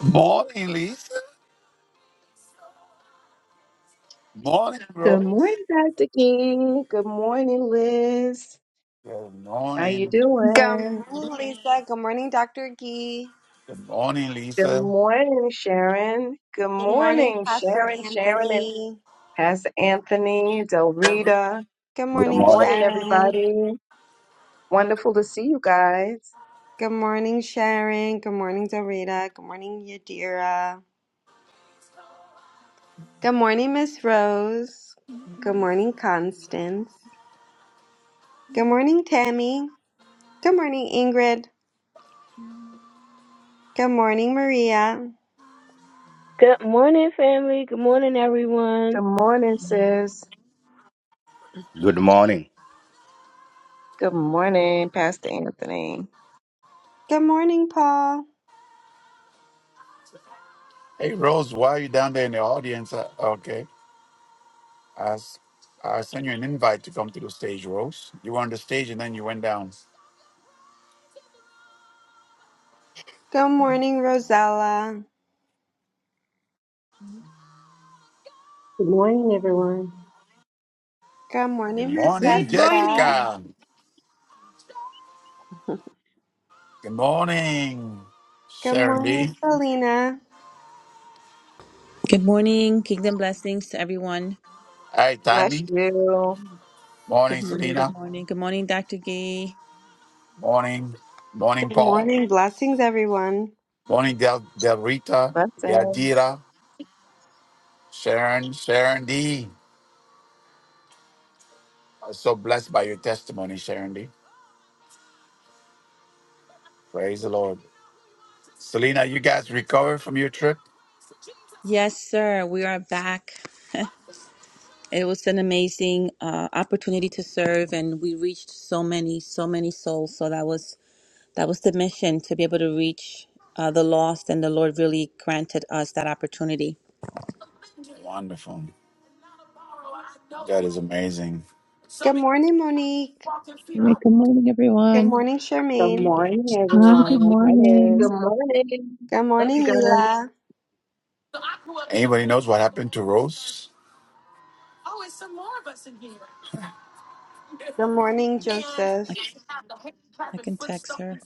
Morning, Lisa. Morning, Rose. Good morning, Dr. King. Good morning, Liz. Good How you morning. Good doing? morning, Lisa. Good morning, Dr. Gee. Good morning, Good Lisa. morning, Sharon. Good Good morning, morning, Pastor Sharon, Sharon, and Anthony. Pastor Anthony, Del Rita. Good Good Good morning, morning. morning, Sharon. everybody. Wonderful to see you guys. Good morning, Sharon. Good morning, Dorita. Good morning, Yadira. Good morning, Miss Rose. Good morning, Constance. Good morning, Tammy. Good morning, Ingrid. Good morning, Maria. Good morning, family. Good morning, everyone. Good morning, sis. Good morning. Good morning, Pastor Anthony. Good morning, Paul. Hey, Rose, why are you down there in the audience? Uh, Okay. I, s- I sent you an invite to come to the stage, Rose. You were on the stage and then you went down. Good morning, Rosella. Good morning, everyone. Good Good morning, Miss morning, Good Jessica. morning. Jessica. Good morning, Good Sharon morning, D. Selena. Good morning. Kingdom blessings to everyone. Hi, Bless Tammy. you. Good Morning, morning. Good Selena. morning. Good morning, Dr. Gee. Morning. Morning, Good Paul. morning. Blessings, everyone. Morning, Del, Del Rita. Blessings. Yadira. Sharon. Sharon D. so blessed by your testimony, Sharon D. Praise the Lord. Selena, you guys recovered from your trip? Yes, sir. We are back. It was an amazing uh, opportunity to serve, and we reached so many, so many souls. So that was that was the mission to be able to reach uh, the lost, and the Lord really granted us that opportunity. Wonderful. That is amazing. Good morning, Monique. Hey, good morning, Good everyone. morning, Good Charmaine. morning, Oh, good everyone. Hello. Good morning. morning. Good Love you morning, guys. Leela. Anybody knows what happened to Rose? Good morning, Joseph. I, I can text her.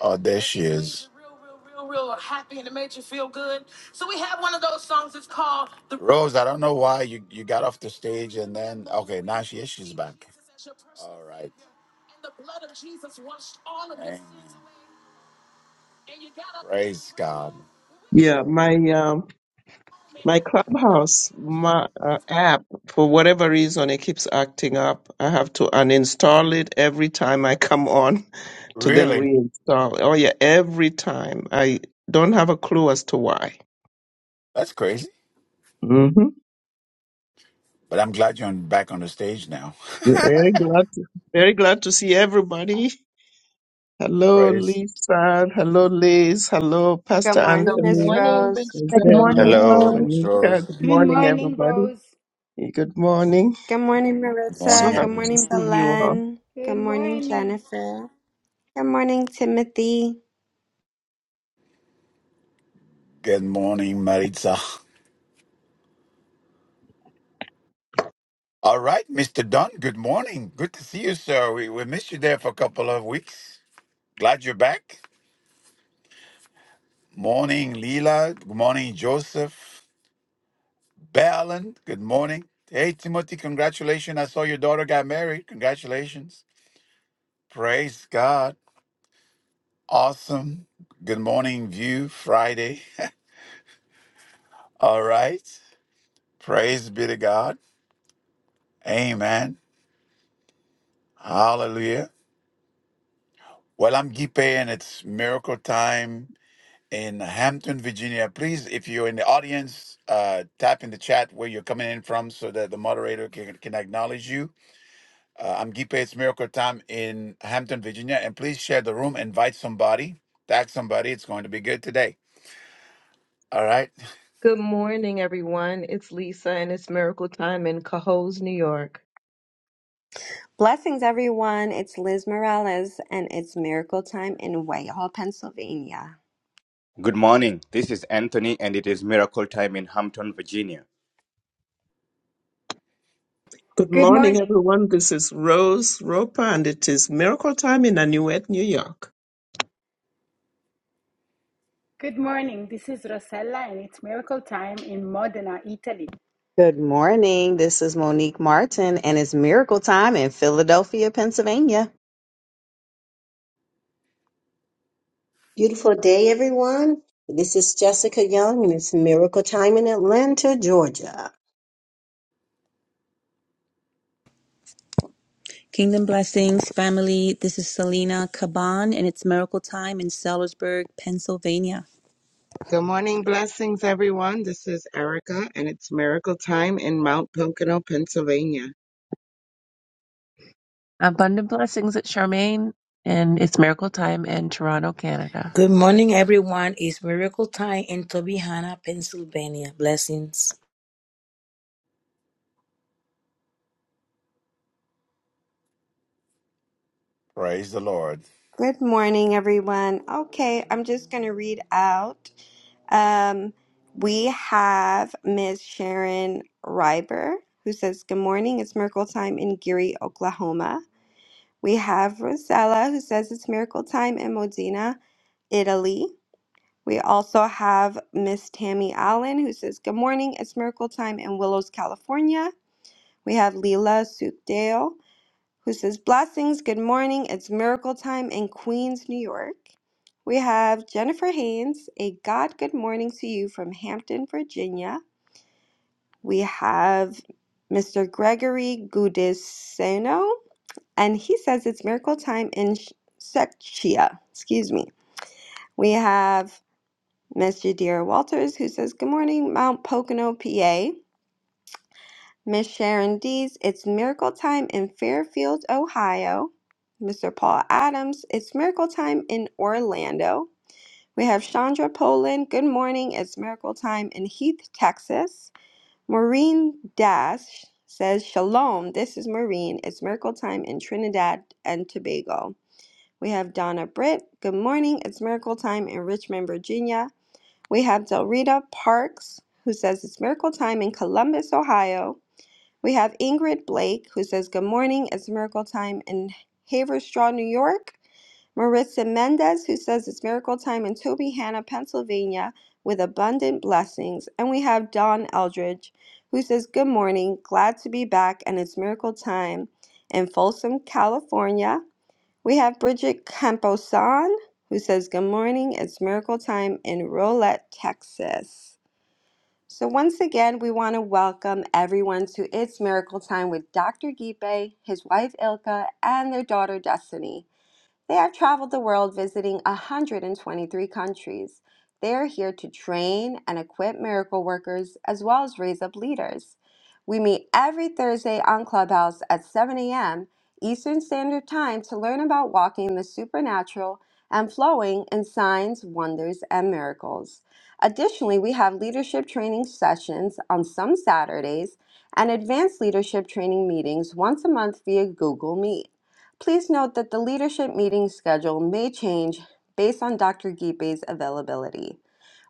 Oh, there she is. Real, real, real happy and it made you feel good. So we have one of those songs. It's called the Rose. I don't know why you, you got off the stage and then okay now she is she's back. All right. And the blood of Jesus washed all of your sins away. Praise God. Yeah, my um my Clubhouse my uh, app for whatever reason it keeps acting up. I have to uninstall it every time I come on to then Really? reinstall. Oh yeah, every time. I don't have a clue as to why. That's crazy. Mm-hmm. But I'm glad you're on, back on the stage now. Very glad to, very glad to see everybody. Hello Praise. Lisa, hello Liz, hello Good Pastor Good morning, Miss Anthony, morning, Rose. Miss Hey, good morning, Isabella, Hello, Rose. all. Miss Monica. Good Rose. Good morning morning, everybody. Rose. Good morning. Good morning, Good morning, So Maritza. Good happy everyone. to morning, see you all. Belen. Good Good morning, morning. Jennifer. Good morning, Timothy. Good morning, Maritza. All right, Mr. Dunn, good morning. Good to see you, sir. We, we missed you there for a couple of weeks. Glad you're back. Morning, Leela. Good morning, Joseph. Balin, good morning. Hey, Timothy, congratulations. I saw your daughter got married. Congratulations. Praise God. Awesome. Good morning, View Friday. All right. Praise be to God. Amen. Hallelujah. Well, I'm Gipe, and it's miracle time in Hampton, Virginia. Please, if you're in the audience, uh, tap in the chat where you're coming in from so that the moderator can, can acknowledge you. Uh, I'm Gipe, it's miracle time in Hampton, Virginia. And please share the room, invite somebody, tag somebody. It's going to be good today. All right. Good morning, everyone. It's Lisa, and it's Miracle Time in Cohoes, New York. Blessings, everyone. It's Liz Morales, and it's Miracle Time in Whitehall, Pennsylvania. Good morning. This is Anthony, and it is miracle time in Hampton, Virginia. Good Good morning, morning. everyone. This is Rose Roper, and it is Miracle Time in Anuet, New York. Good morning. This is Rosella and it's miracle time in Modena, Italy. Good morning. This is Monique Martin, and it's miracle time in Philadelphia, Pennsylvania. Beautiful day, everyone. This is Jessica Young, and it's Miracle Time in Atlanta, Georgia. Kingdom blessings, family. This is Selena Caban, and it's Miracle Time in Sellersburg, Pennsylvania. Good morning, blessings, everyone. This is Erica, and it's miracle time in Mount Pocono, Pennsylvania. Abundant blessings at Charmaine, and it's miracle time in Toronto, Canada. Good morning, everyone. It's miracle time in Tobyhanna, Pennsylvania. Blessings. Praise the Lord. Good morning, everyone. Okay, I'm just going to read out. Um, we have Ms. Sharon Reiber, who says, Good morning, it's miracle time in Geary, Oklahoma. We have Rosella, who says it's miracle time in Modena, Italy. We also have Miss Tammy Allen, who says, Good morning, it's miracle time in Willows, California. We have Leela Sukdale, who says, Blessings, good morning. It's miracle time in Queens, New York. We have Jennifer Haynes, a God good morning to you from Hampton, Virginia. We have Mr. Gregory Gudiseno, and he says it's miracle time in Sh- Sechia. Excuse me. We have Miss Jadira Walters, who says, Good morning, Mount Pocono, PA. Miss Sharon Dees, It's Miracle Time in Fairfield, Ohio. Mr. Paul Adams, It's Miracle Time in Orlando. We have Chandra Poland, Good morning, it's Miracle Time in Heath, Texas. Maureen Dash says, Shalom, this is Maureen, it's Miracle Time in Trinidad and Tobago. We have Donna Britt, Good morning, it's Miracle Time in Richmond, Virginia. We have Delrita Parks, who says, It's Miracle Time in Columbus, Ohio. We have Ingrid Blake who says, Good morning. It's miracle time in Haverstraw, New York. Marissa Mendez, who says it's miracle time in Tobyhanna, Pennsylvania, with abundant blessings. And we have Dawn Eldridge, who says, Good morning, glad to be back, and it's miracle time in Folsom, California. We have Bridget Camposan, who says, Good morning, it's miracle time in Rolette, Texas. So, once again, we want to welcome everyone to It's Miracle Time with Dr. Gipe, his wife Ilka, and their daughter Destiny. They have traveled the world visiting 123 countries. They are here to train and equip miracle workers as well as raise up leaders. We meet every Thursday on Clubhouse at 7 a.m. Eastern Standard Time to learn about walking in the supernatural and flowing in signs, wonders, and miracles. Additionally, we have leadership training sessions on some Saturdays and advanced leadership training meetings once a month via Google Meet. Please note that the leadership meeting schedule may change based on Dr. Gipe's availability.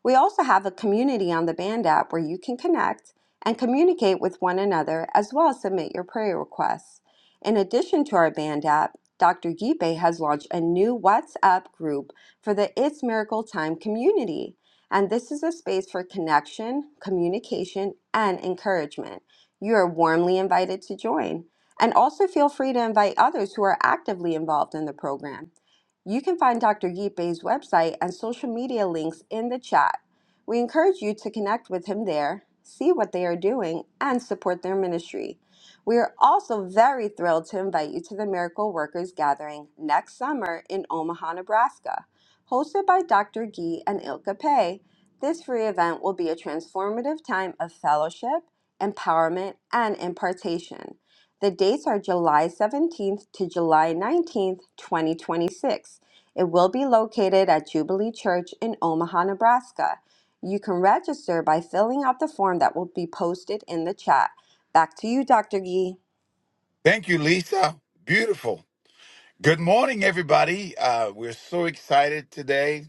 We also have a community on the Band app where you can connect and communicate with one another as well as submit your prayer requests. In addition to our Band app, Dr. Gipe has launched a new WhatsApp group for the It's Miracle Time community. And this is a space for connection, communication, and encouragement. You are warmly invited to join. And also feel free to invite others who are actively involved in the program. You can find Dr. Gipe's website and social media links in the chat. We encourage you to connect with him there, see what they are doing, and support their ministry. We are also very thrilled to invite you to the Miracle Workers Gathering next summer in Omaha, Nebraska. Hosted by Dr. Gee and Ilka Pei, this free event will be a transformative time of fellowship, empowerment, and impartation. The dates are July 17th to July 19th, 2026. It will be located at Jubilee Church in Omaha, Nebraska. You can register by filling out the form that will be posted in the chat. Back to you, Dr. Gee. Thank you, Lisa. Beautiful. Good morning, everybody. Uh, we're so excited today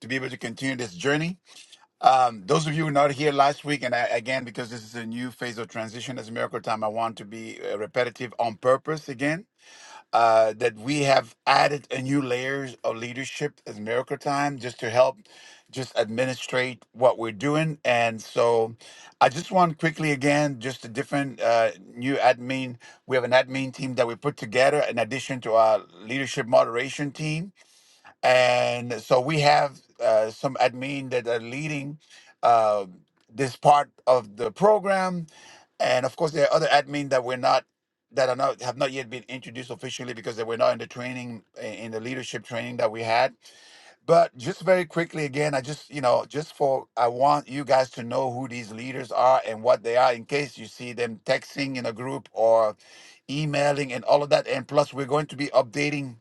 to be able to continue this journey. Um, those of you who were not here last week, and I, again, because this is a new phase of transition as Miracle Time, I want to be uh, repetitive on purpose again. Uh, that we have added a new layers of leadership as Miracle Time just to help just administrate what we're doing. And so I just want quickly again, just a different uh, new admin. We have an admin team that we put together in addition to our leadership moderation team and so we have uh, some admin that are leading uh, this part of the program and of course there are other admin that we're not that are not have not yet been introduced officially because they were not in the training in the leadership training that we had but just very quickly again i just you know just for i want you guys to know who these leaders are and what they are in case you see them texting in a group or emailing and all of that and plus we're going to be updating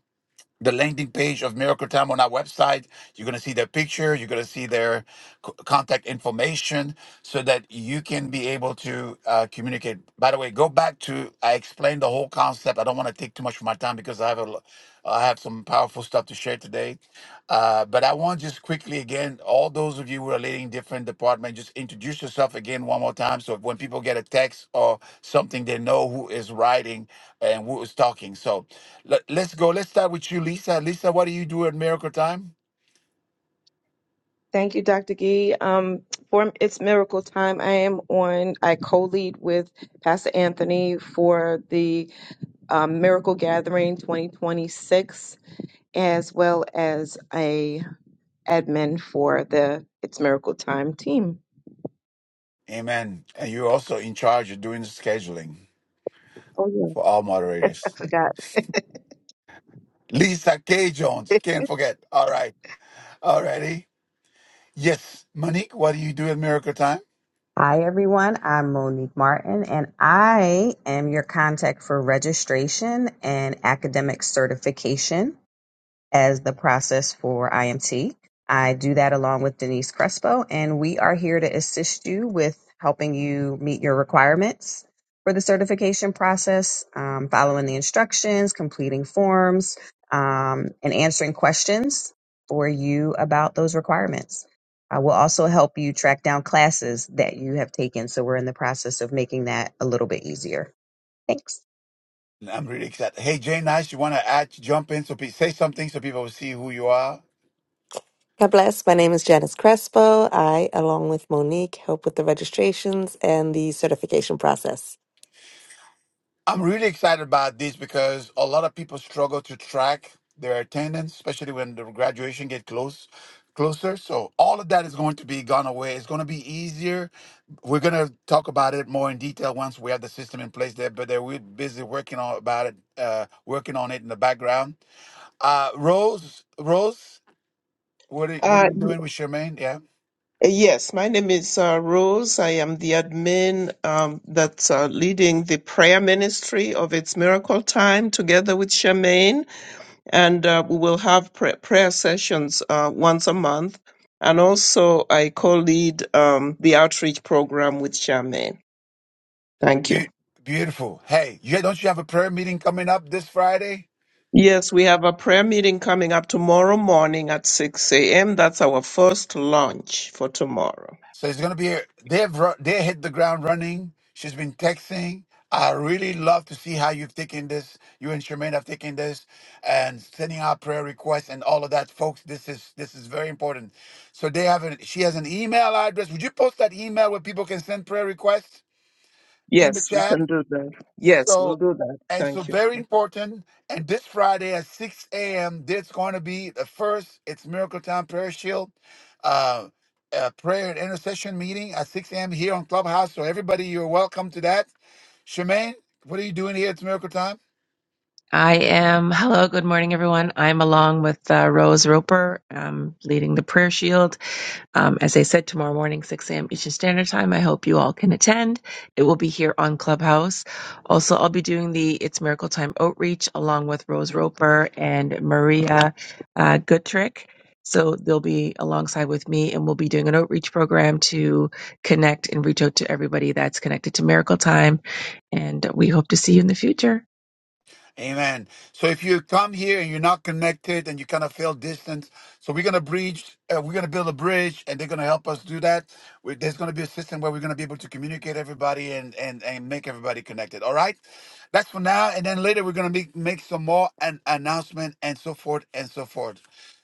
the landing page of Miracle Time on our website. You're going to see their picture, you're going to see their c- contact information so that you can be able to uh, communicate. By the way, go back to I explained the whole concept. I don't want to take too much of my time because I have a, lo- I have some powerful stuff to share today. Uh, but I want just quickly again, all those of you who are leading different departments, just introduce yourself again one more time. So when people get a text or something, they know who is writing and who is talking. So let, let's go. Let's start with you, Lisa. Lisa, what do you do at Miracle Time? Thank you, Dr. Gee. Um, for It's Miracle Time, I am on, I co lead with Pastor Anthony for the um, Miracle Gathering 2026, as well as a admin for the It's Miracle Time team. Amen. And you're also in charge of doing the scheduling Oh, yeah. for all I moderators. forgot. Lisa K. Jones, can't forget. All right. All righty. Yes, Monique, what do you do at Miracle Time? Hi, everyone. I'm Monique Martin, and I am your contact for registration and academic certification. as the process for IMT. I do that along with Denise Crespo, and we are here to assist you with helping you meet your requirements for the certification process, um, following the instructions, completing forms, um, and answering questions for you about those requirements. I will also help you track down classes that you have taken. So we're in the process of making that a little bit easier. Thanks. I'm really excited. Hey, Jay Nice, you want to add, jump in, so please say something so people will see who you are. God bless. My name is Janice Crespo. I, along with Monique, help with the registrations and the certification process. I'm really excited about this because a lot of people struggle to track their attendance, especially when the graduation get close, closer. So all of that is going to be gone away. It's going to be easier. We're going to talk about it more in detail once we have the system in place there. But there we're busy working on about it, uh, working on it in the background. Uh, Rose, Rose, what are, what are Uh, you doing with Charmaine? Yeah. yes, my name is uh, Rose. I am the admin um, that's uh, leading the prayer ministry of It's Miracle Time together with Charmaine. and uh, we will have pray- prayer sessions uh, once a month. And also, I co-lead um, the outreach program with Charmaine. Thank you. Be- beautiful. Hey, you don't you have a prayer meeting coming up this Friday? Yes, we have a prayer meeting coming up tomorrow morning at 6 a.m. That's our first launch for tomorrow. So it's gonna be. A, they've ru- they hit the ground running. She's been texting. I really love to see how you've taken this. You and Charmaine have taken this and sending out prayer requests and all of that, folks. This is this is very important. So they have an. She has an email address. Would you post that email where people can send prayer requests in the Yes, we chat? can do that. Yes, we'll So, do that. and so Thank you. very important. And this Friday at 6 a.m., there's going to be the first It's Miracle Time Prayer Shield uh, uh, prayer and intercession meeting at 6 a.m. here on Clubhouse. So, everybody, you're welcome to that. Shemaine, what are you doing here? It's Miracle Time. I am. Hello, good morning, everyone. I'm along with uh, Rose Roper, um, leading the prayer shield. Um, as I said, tomorrow morning, 6 a.m. Eastern Standard Time. I hope you all can attend. It will be here on Clubhouse. Also, I'll be doing the It's Miracle Time outreach along with Rose Roper and Maria uh, Goodrick. So they'll be alongside with me, and we'll be doing an outreach program to connect and reach out to everybody that's connected to Miracle Time. And we hope to see you in the future. Amen. So if you come here and you're not connected and you kind of feel distance, so we're gonna bridge. Uh, we're gonna build a bridge, and they're gonna help us do that. We, there's gonna be a system where we're gonna be able to communicate everybody and and and make everybody connected. All right, that's for now, and then later we're gonna make make some more an announcement and so forth and so forth.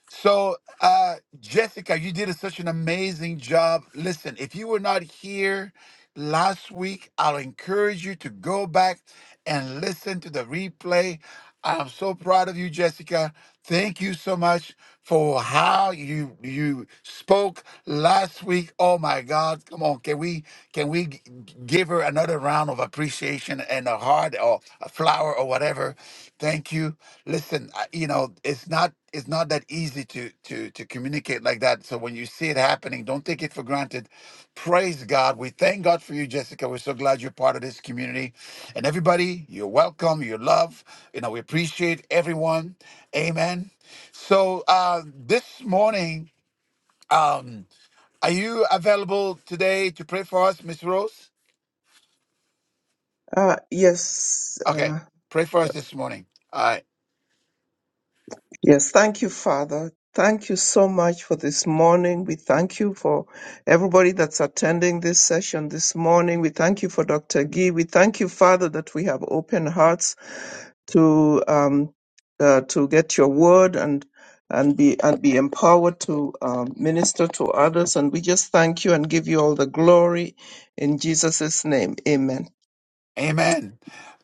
So, uh, Jessica, you did such an amazing job. Listen, if you were not here last week, I'll encourage you to go back and listen to the replay. I'm so proud of you, Jessica. Thank you so much for how you you spoke last week. Oh my God! Come on, can we can we g- give her another round of appreciation and a heart or a flower or whatever? Thank you. Listen, I- you know it's not it's not that easy to to to communicate like that so when you see it happening don't take it for granted praise god we thank god for you jessica we're so glad you're part of this community and everybody you're welcome you're loved you know we appreciate everyone amen so uh this morning um are you available today to pray for us miss rose Uh, yes. okay uh, pray for us this morning All right. Yes, thank you, Father. Thank you so much for this morning. We thank you for everybody that's attending this session this morning. We thank you for Dr. Gee. We thank you, Father, that we have open hearts to um, uh, to get your word and and be and be empowered to um, minister to others. And we just thank you and give you all the glory in Jesus' name. Amen. Amen.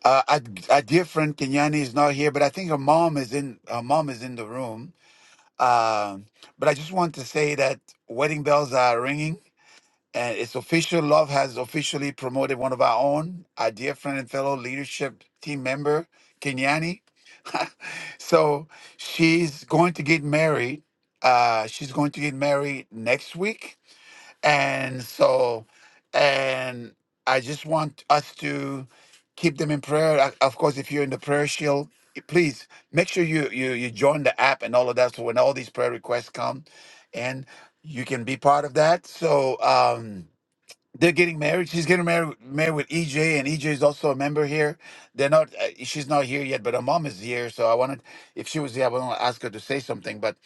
Uh, our, our dear friend Kenyani is not here, but I think her mom is in. Her mom is in the room. Um, but I just want to say that wedding bells are ringing, and it's official. Love has officially promoted one of our own, our dear friend and fellow leadership team member Kenyani. So she's going to get married. Uh, she's going to get married next week and so, and I just want us to keep them in prayer. Uh, Of course, if you're in the prayer shield, eh, please make sure you you you join the app and all of that. So when all these prayer requests come, and you can be part of that. So um they're getting married. She's getting married married with EJ, and EJ is also a member here. They're not. Uh, she's not here yet, but her mom is here. So I wanted, if she was here, I would want to ask her to say something. But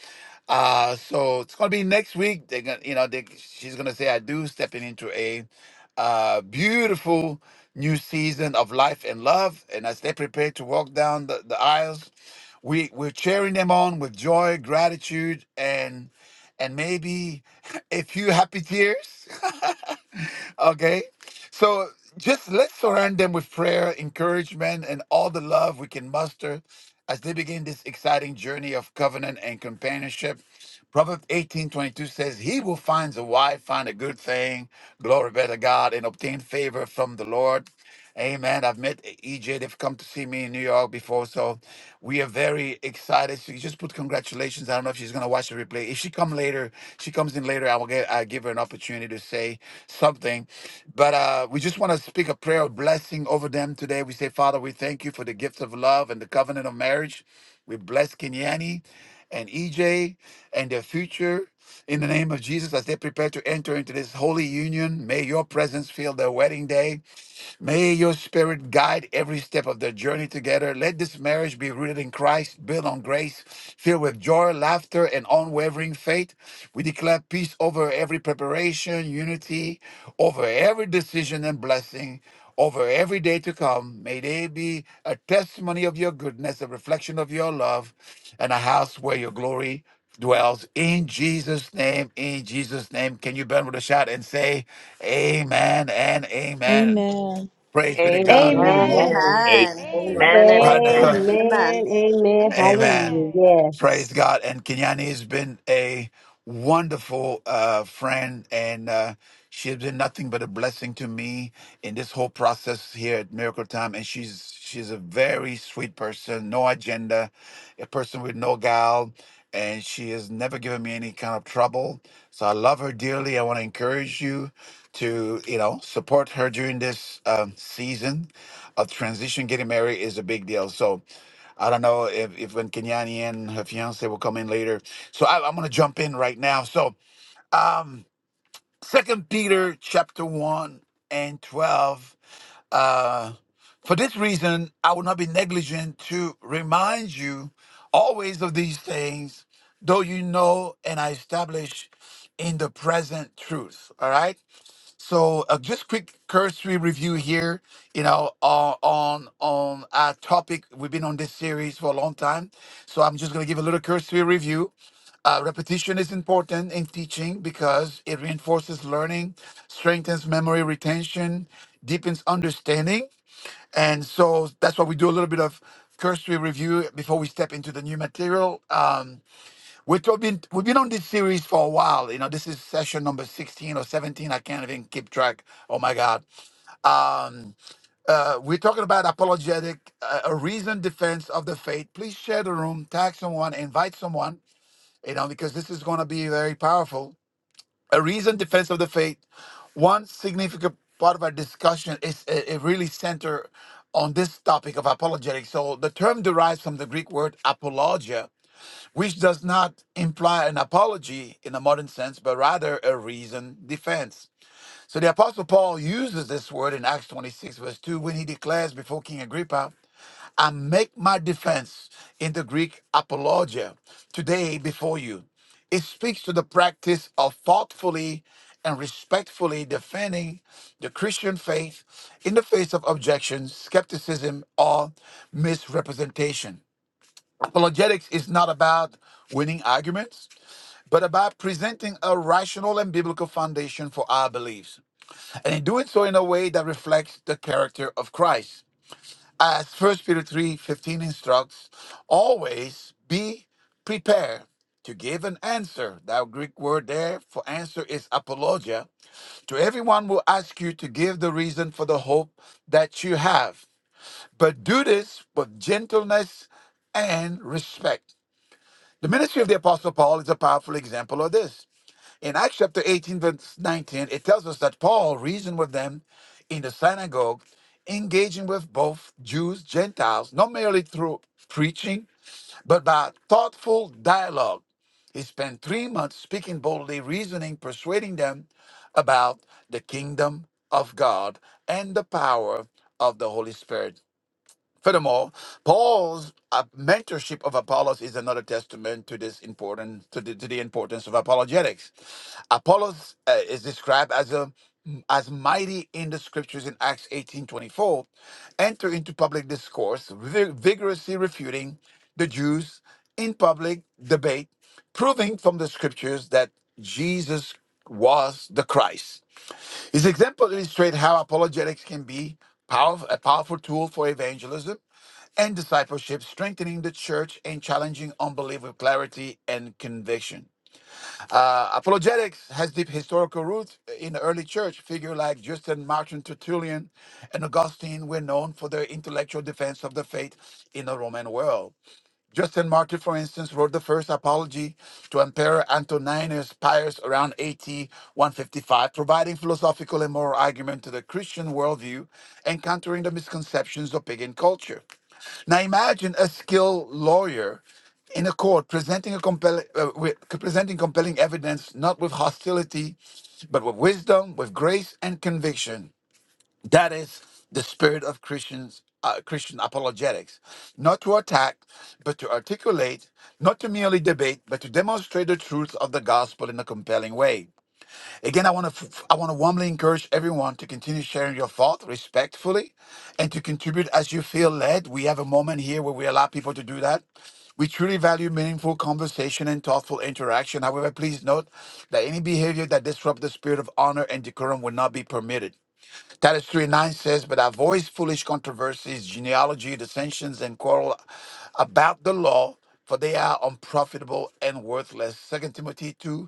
uh so it's gonna be next week. They're gonna, you know, they, she's gonna say I do stepping into a uh beautiful new season of life and love. And as they prepare to walk down the, the aisles, we we're cheering them on with joy, gratitude, and and maybe a few happy tears. okay. So just let's surround them with prayer, encouragement, and all the love we can muster as they begin this exciting journey of covenant and companionship. Proverbs eighteen twenty two says, He who finds a wife find a good thing, glory be to God, and obtain favor from the Lord. Amen. I've met EJ. They've come to see me in New York before. So we are very excited. So You just put congratulations. I don't know if she's going to watch the replay. If she come later, she comes in later, I will get, I give her an opportunity to say something. But uh, we just want to speak a prayer of blessing over them today. We say, Father, we thank you for the gift of love and the covenant of marriage. We bless Kenyani and EJ and their future. In the name of Jesus, as they prepare to enter into this holy union, may your presence fill their wedding day. May your spirit guide every step of their journey together. Let this marriage be rooted in Christ, built on grace, filled with joy, laughter, and unwavering faith. We declare peace over every preparation, unity over every decision and blessing over every day to come. May they be a testimony of your goodness, a reflection of your love, and a house where your glory dwells. In Jesus' name, in Jesus' name. Can you bend with a shout and say, Amen and Amen? Amen. Praise be to God. Amen. Amen. Amen. Amen. Amen. Amen Amen. and Amen. Wonderful. Amen. amen. Amen, Amen. amen, Amen. Amen. hallelujah. Yes. Praise God. And Kenyani has been a wonderful uh, friend, and uh, she has been nothing but a blessing to me in this whole process here at Miracle Time. And she's she's a very sweet person, no agenda, a person with no guile, and she has never given me any kind of trouble. So I love her dearly. I want to encourage you to you know support her during this um, season of transition. Getting married is a big deal. So. I don't know if, if when Kenyani and her fiance will come in later. So I, I'm going to jump in right now. So, um, Second Peter chapter one and twelve. Uh, for this reason, I will not be negligent to remind you always of these things, though you know and I establish in the present truth. All right. So uh, just quick cursory review here, you know, uh, on on our topic. We've been on this series for a long time, so I'm just going to give a little cursory review. Uh, repetition is important in teaching because it reinforces learning, strengthens memory retention, deepens understanding, and so that's why we do a little bit of cursory review before we step into the new material. Um, We've been we've been on this series for a while. You know, this is session number sixteen or seventeen. I can't even keep track. Oh my God! Um, uh, we're talking about apologetic, uh, a reasoned defense of the faith. Please share the room, tag someone, invite someone. You know, because this is going to be very powerful. A reasoned defense of the faith. One significant part of our discussion is it, it really center on this topic of apologetics. So the term derives from the Greek word apologia which does not imply an apology in a modern sense, but rather a reasoned defense. So the Apostle Paul uses this word in Acts 26, verse 2, when he declares before King Agrippa, I make my defense in the Greek apologia today before you. It speaks to the practice of thoughtfully and respectfully defending the Christian faith in the face of objections, skepticism, or misrepresentation. Apologetics is not about winning arguments, but about presenting a rational and biblical foundation for our beliefs, and in doing so in a way that reflects the character of Christ. As 1 Peter 3:15 instructs, always be prepared to give an answer. That Greek word there for answer is apologia. To everyone will ask you to give the reason for the hope that you have, but do this with gentleness and respect the ministry of the Apostle Paul is a powerful example of this. In Acts chapter 18, verse 19, it tells us that Paul reasoned with them in the synagogue, engaging with both Jews, Gentiles, not merely through preaching, but by thoughtful dialogue. He spent three months speaking boldly, reasoning, persuading them about the kingdom of God and the power of the Holy Spirit. Furthermore, Paul's uh, mentorship of Apollos is another testament to this important to the, to the importance of apologetics. Apollos uh, is described as a as mighty in the scriptures in Acts 18:24, enter into public discourse, vi- vigorously refuting the Jews in public debate, proving from the scriptures that Jesus was the Christ. His example illustrates how apologetics can be powerf- a powerful tool for evangelism and discipleship, strengthening the church and challenging unbelief with clarity and conviction. Uh, apologetics has deep historical roots in the early church. Figures like Justin, Martin, Tertullian, and Augustine were known for their intellectual defense of the faith in the Roman world. Justin Martyr, for instance, wrote the first apology to Emperor Antoninus Pius around AD 155, providing philosophical and moral argument to the Christian worldview and countering the misconceptions of pagan culture. Now imagine a skilled lawyer in a court presenting a compelling, uh, with, presenting compelling evidence, not with hostility, but with wisdom, with grace and conviction. That is the spirit of Christians, uh, Christian apologetics. Not to attack, but to articulate, not to merely debate, but to demonstrate the truth of the gospel in a compelling way. Again, I want to I want to warmly encourage everyone to continue sharing your thought respectfully and to contribute as you feel led. We have a moment here where we allow people to do that. We truly value meaningful conversation and thoughtful interaction. However, please note that any behavior that disrupts the spirit of honor and decorum will not be permitted. Titus 3 9 says, But I voice foolish controversies, genealogy, dissensions, and quarrel about the law, for they are unprofitable and worthless. Second Timothy 2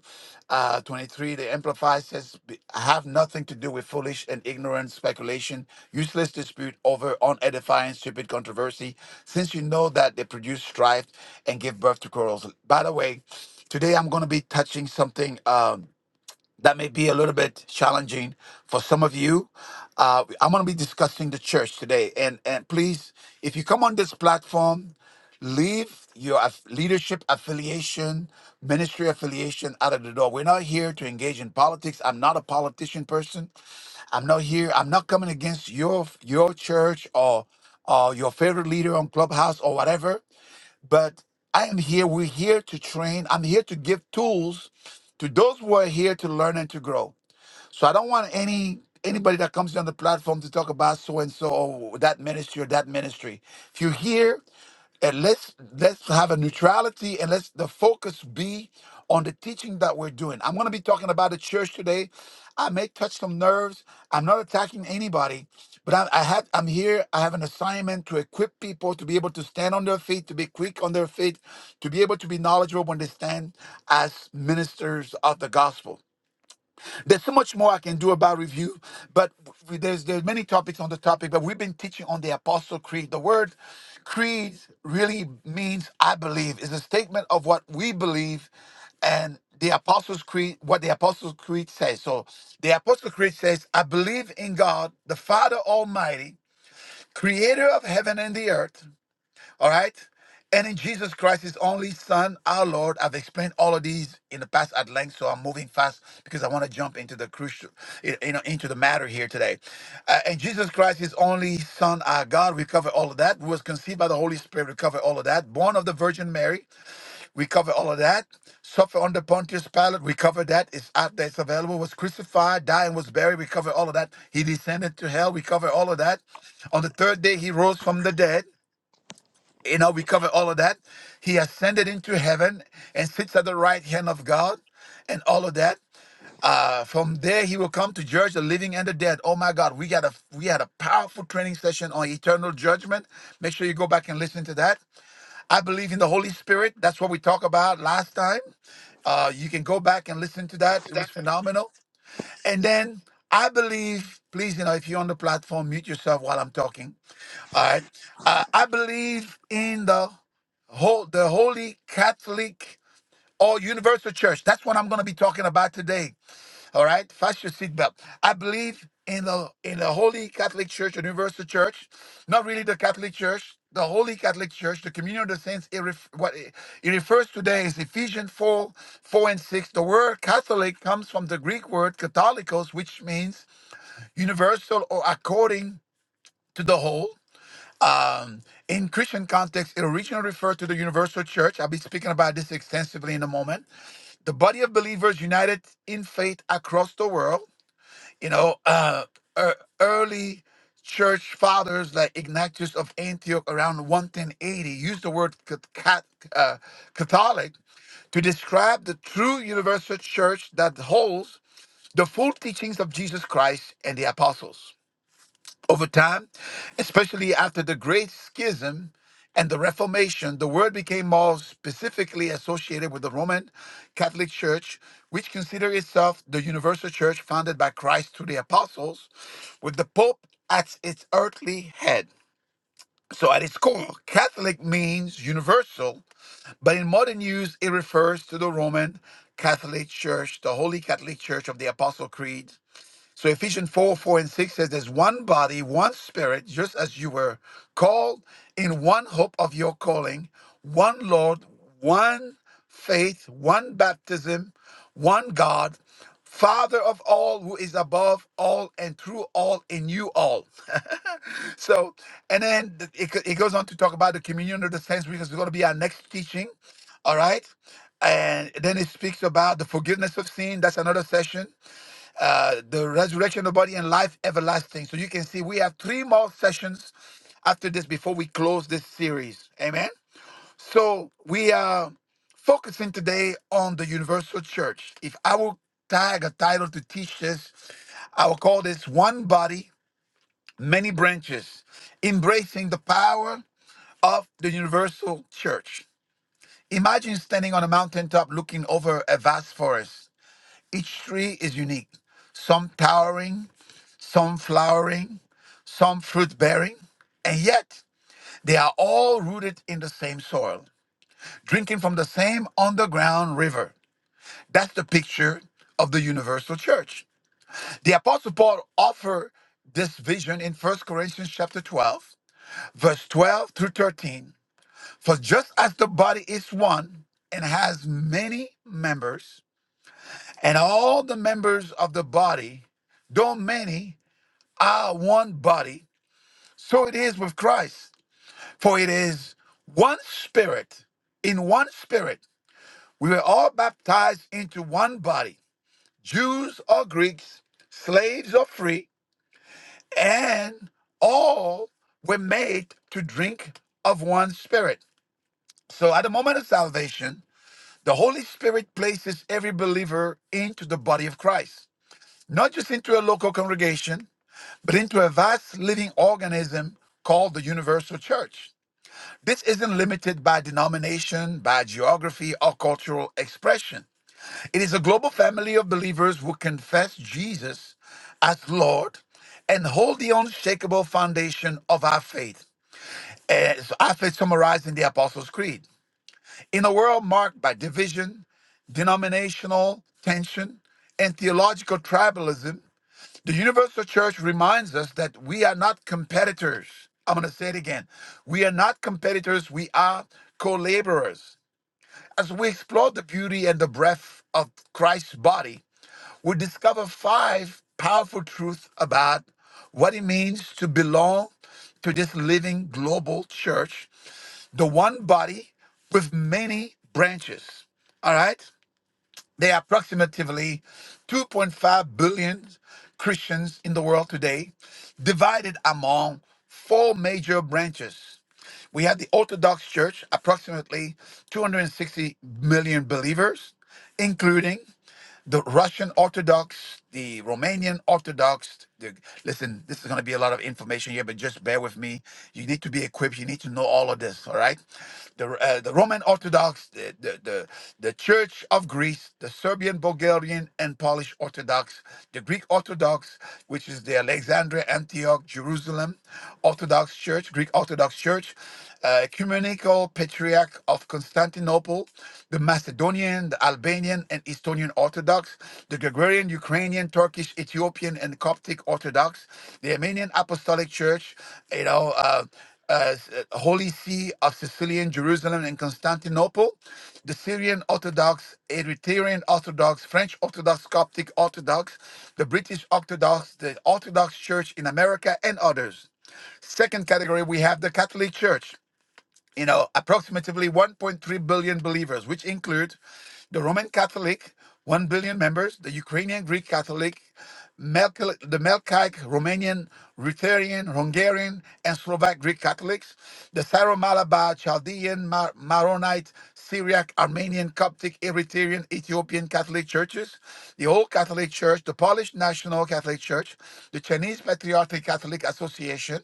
uh, 23, the Amplified says, "Be- Have nothing to do with foolish and ignorant speculation, useless dispute over unedifying, stupid controversy, since you know that they produce strife and give birth to quarrels. By the way, today I'm going to be touching something. Um, that may be a little bit challenging for some of you. Uh, I'm going to be discussing the church today, and and please, if you come on this platform, leave your aff- leadership affiliation, ministry affiliation out of the door. We're not here to engage in politics. I'm not a politician person. I'm not here. I'm not coming against your your church or or your favorite leader on Clubhouse or whatever. But I am here. We're here to train. I'm here to give tools to those who are here to learn and to grow. So I don't want any anybody that comes on the platform to talk about so and so or that ministry or that ministry. If you're here, and let's let's have a neutrality and let's the focus be on the teaching that we're doing. I'm going to be talking about the church today. I may touch some nerves. I'm not attacking anybody, but I, I had I'm here. I have an assignment to equip people to be able to stand on their feet, to be quick on their feet, to be able to be knowledgeable when they stand as ministers of the gospel. There's so much more I can do about review, but w- there's there's many topics on the topic. But we've been teaching on the Apostle Creed. The word creed really means I believe. It's a statement of what we believe, and the Apostles' Creed, what the Apostles' Creed says. So the Apostle Creed says, "I believe in God, the Father Almighty, Creator of heaven and the earth." All right? And in Jesus Christ, his only son, our Lord, I've explained all of these in the past at length, so I'm moving fast because I want to jump into the crucial, you know, into the matter here today. Uh, and Jesus Christ, his only son, our God, we cover all of that. Was conceived by the Holy Spirit, we cover all of that. Born of the Virgin Mary, we cover all of that. Suffer under Pontius Pilate, we cover that. It's out there, it's available. Was crucified, died, and was buried, we cover all of that. He descended to hell, we cover all of that. On the third day, he rose from the dead. You know, we covered all of that. He ascended into heaven and sits at the right hand of God and all of that. Uh, from there, he will come to judge the living and the dead. Oh my God, we got a we had a powerful training session on eternal judgment. Make sure you go back and listen to that. I believe in the Holy Spirit. That's what we talked about last time. Uh, you can go back and listen to that. It was phenomenal. And then I believe, please, you know, if you're on the platform, mute yourself while I'm talking. All right. Uh, I believe in the whole, the Holy Catholic or universal church. That's what I'm going to be talking about today. All right, fast your seatbelt. I believe in the in the Holy Catholic Church, the Universal Church, not really the Catholic Church, the Holy Catholic Church, the communion of the saints. It ref, what it, it refers today is Ephesians four, four and six. The word Catholic comes from the Greek word "katholikos," which means universal or according to the whole. Um, in Christian context, it originally referred to the universal church. I'll be speaking about this extensively in a moment. The body of believers united in faith across the world. You know, uh, ear- early church fathers like Ignatius of Antioch around 11080 used the word cat- cat- uh, Catholic to describe the true universal church that holds the full teachings of Jesus Christ and the apostles. Over time, especially after the Great Schism and the Reformation, the word became more specifically associated with the Roman Catholic Church, which considered itself the universal church founded by Christ through the apostles, with the Pope as its earthly head. So, at its core, Catholic means universal, but in modern use, it refers to the Roman Catholic Church, the Holy Catholic Church of the Apostle Creed, so Ephesians 4, 4 and 6 says there's one body, one spirit, just as you were called in one hope of your calling, one Lord, one faith, one baptism, one God, Father of all who is above all and through all in you all. so, and then th- it, go- it goes on to talk about the communion of the saints, because it's going to be our next teaching. All right. And then it speaks about the forgiveness of sin. That's another session uh, the resurrection of body and life everlasting. So you can see we have three more sessions after this before we close this series. Amen. So we are focusing today on the universal church. If I will tag a title to teach this, I will call this One Body, Many Branches, Embracing the Power of the Universal Church. Imagine standing on a mountaintop looking over a vast forest. Each tree is unique, some towering, some flowering, some fruit bearing, and yet they are all rooted in the same soil, drinking from the same underground river. That's the picture of the universal church. The apostle Paul offered this vision in First Corinthians chapter 12, verse 12 through 13. For just as the body is one and has many members, and all the members of the body, though many, are one body, so it is with Christ. For it is one spirit, in one spirit, we were all baptized into one body, Jews or Greeks, slaves or free, and all were made to drink of one spirit. So at the moment of salvation, the Holy Spirit places every believer into the body of Christ, not just into a local congregation, but into a vast living organism called the universal church. This isn't limited by denomination, by geography, or cultural expression. It is a global family of believers who confess Jesus as Lord and hold the unshakable foundation of our faith. As our faith summarized in the Apostles' Creed. In a world marked by division, denominational tension, and theological tribalism, the universal church reminds us that we are not competitors. I'm going to say it again. We are not competitors, we are co laborers. As we explore the beauty and the breadth of Christ's body, we discover five powerful truths about what it means to belong to this living global church, the one body with many branches. All right? There are approximately 2.5 billion Christians in the world today, divided among four major branches. We have the Orthodox Church, approximately 260 million believers, including the Russian Orthodox, the Romanian Orthodox. The, listen, this is going to be a lot of information here, but just bear with me. You need to be equipped. You need to know all of this. All right, the uh, the Roman Orthodox, the, the the the Church of Greece, the Serbian, Bulgarian, and Polish Orthodox, the Greek Orthodox, which is the Alexandria, Antioch, Jerusalem Orthodox Church, Greek Orthodox Church, uh, Ecumenical Patriarch of Constantinople, the Macedonian, the Albanian, and Estonian Orthodox, the Gregorian, Ukrainian, Turkish, Ethiopian, and Coptic Orthodox, the Armenian Apostolic Church, you know, uh, uh, s- uh, Holy See of Sicilian, Jerusalem, and Constantinople, the Syrian Orthodox, Eritrean Orthodox, French Orthodox, Coptic Orthodox, the British Orthodox, the Orthodox Church in America, and others. Second category, we have the Catholic Church you know, approximately 1.3 billion believers, which include the Roman Catholic, 1 billion members, the Ukrainian Greek Catholic, Melk- the Melkite, Romanian, Ruthenian, Hungarian, and Slovak Greek Catholics, the Syro Malabar, Chaldean, Mar- Maronite, Syriac, Armenian, Coptic, Eritrean, Ethiopian Catholic churches, the Old Catholic Church, the Polish National Catholic Church, the Chinese Patriotic Catholic Association,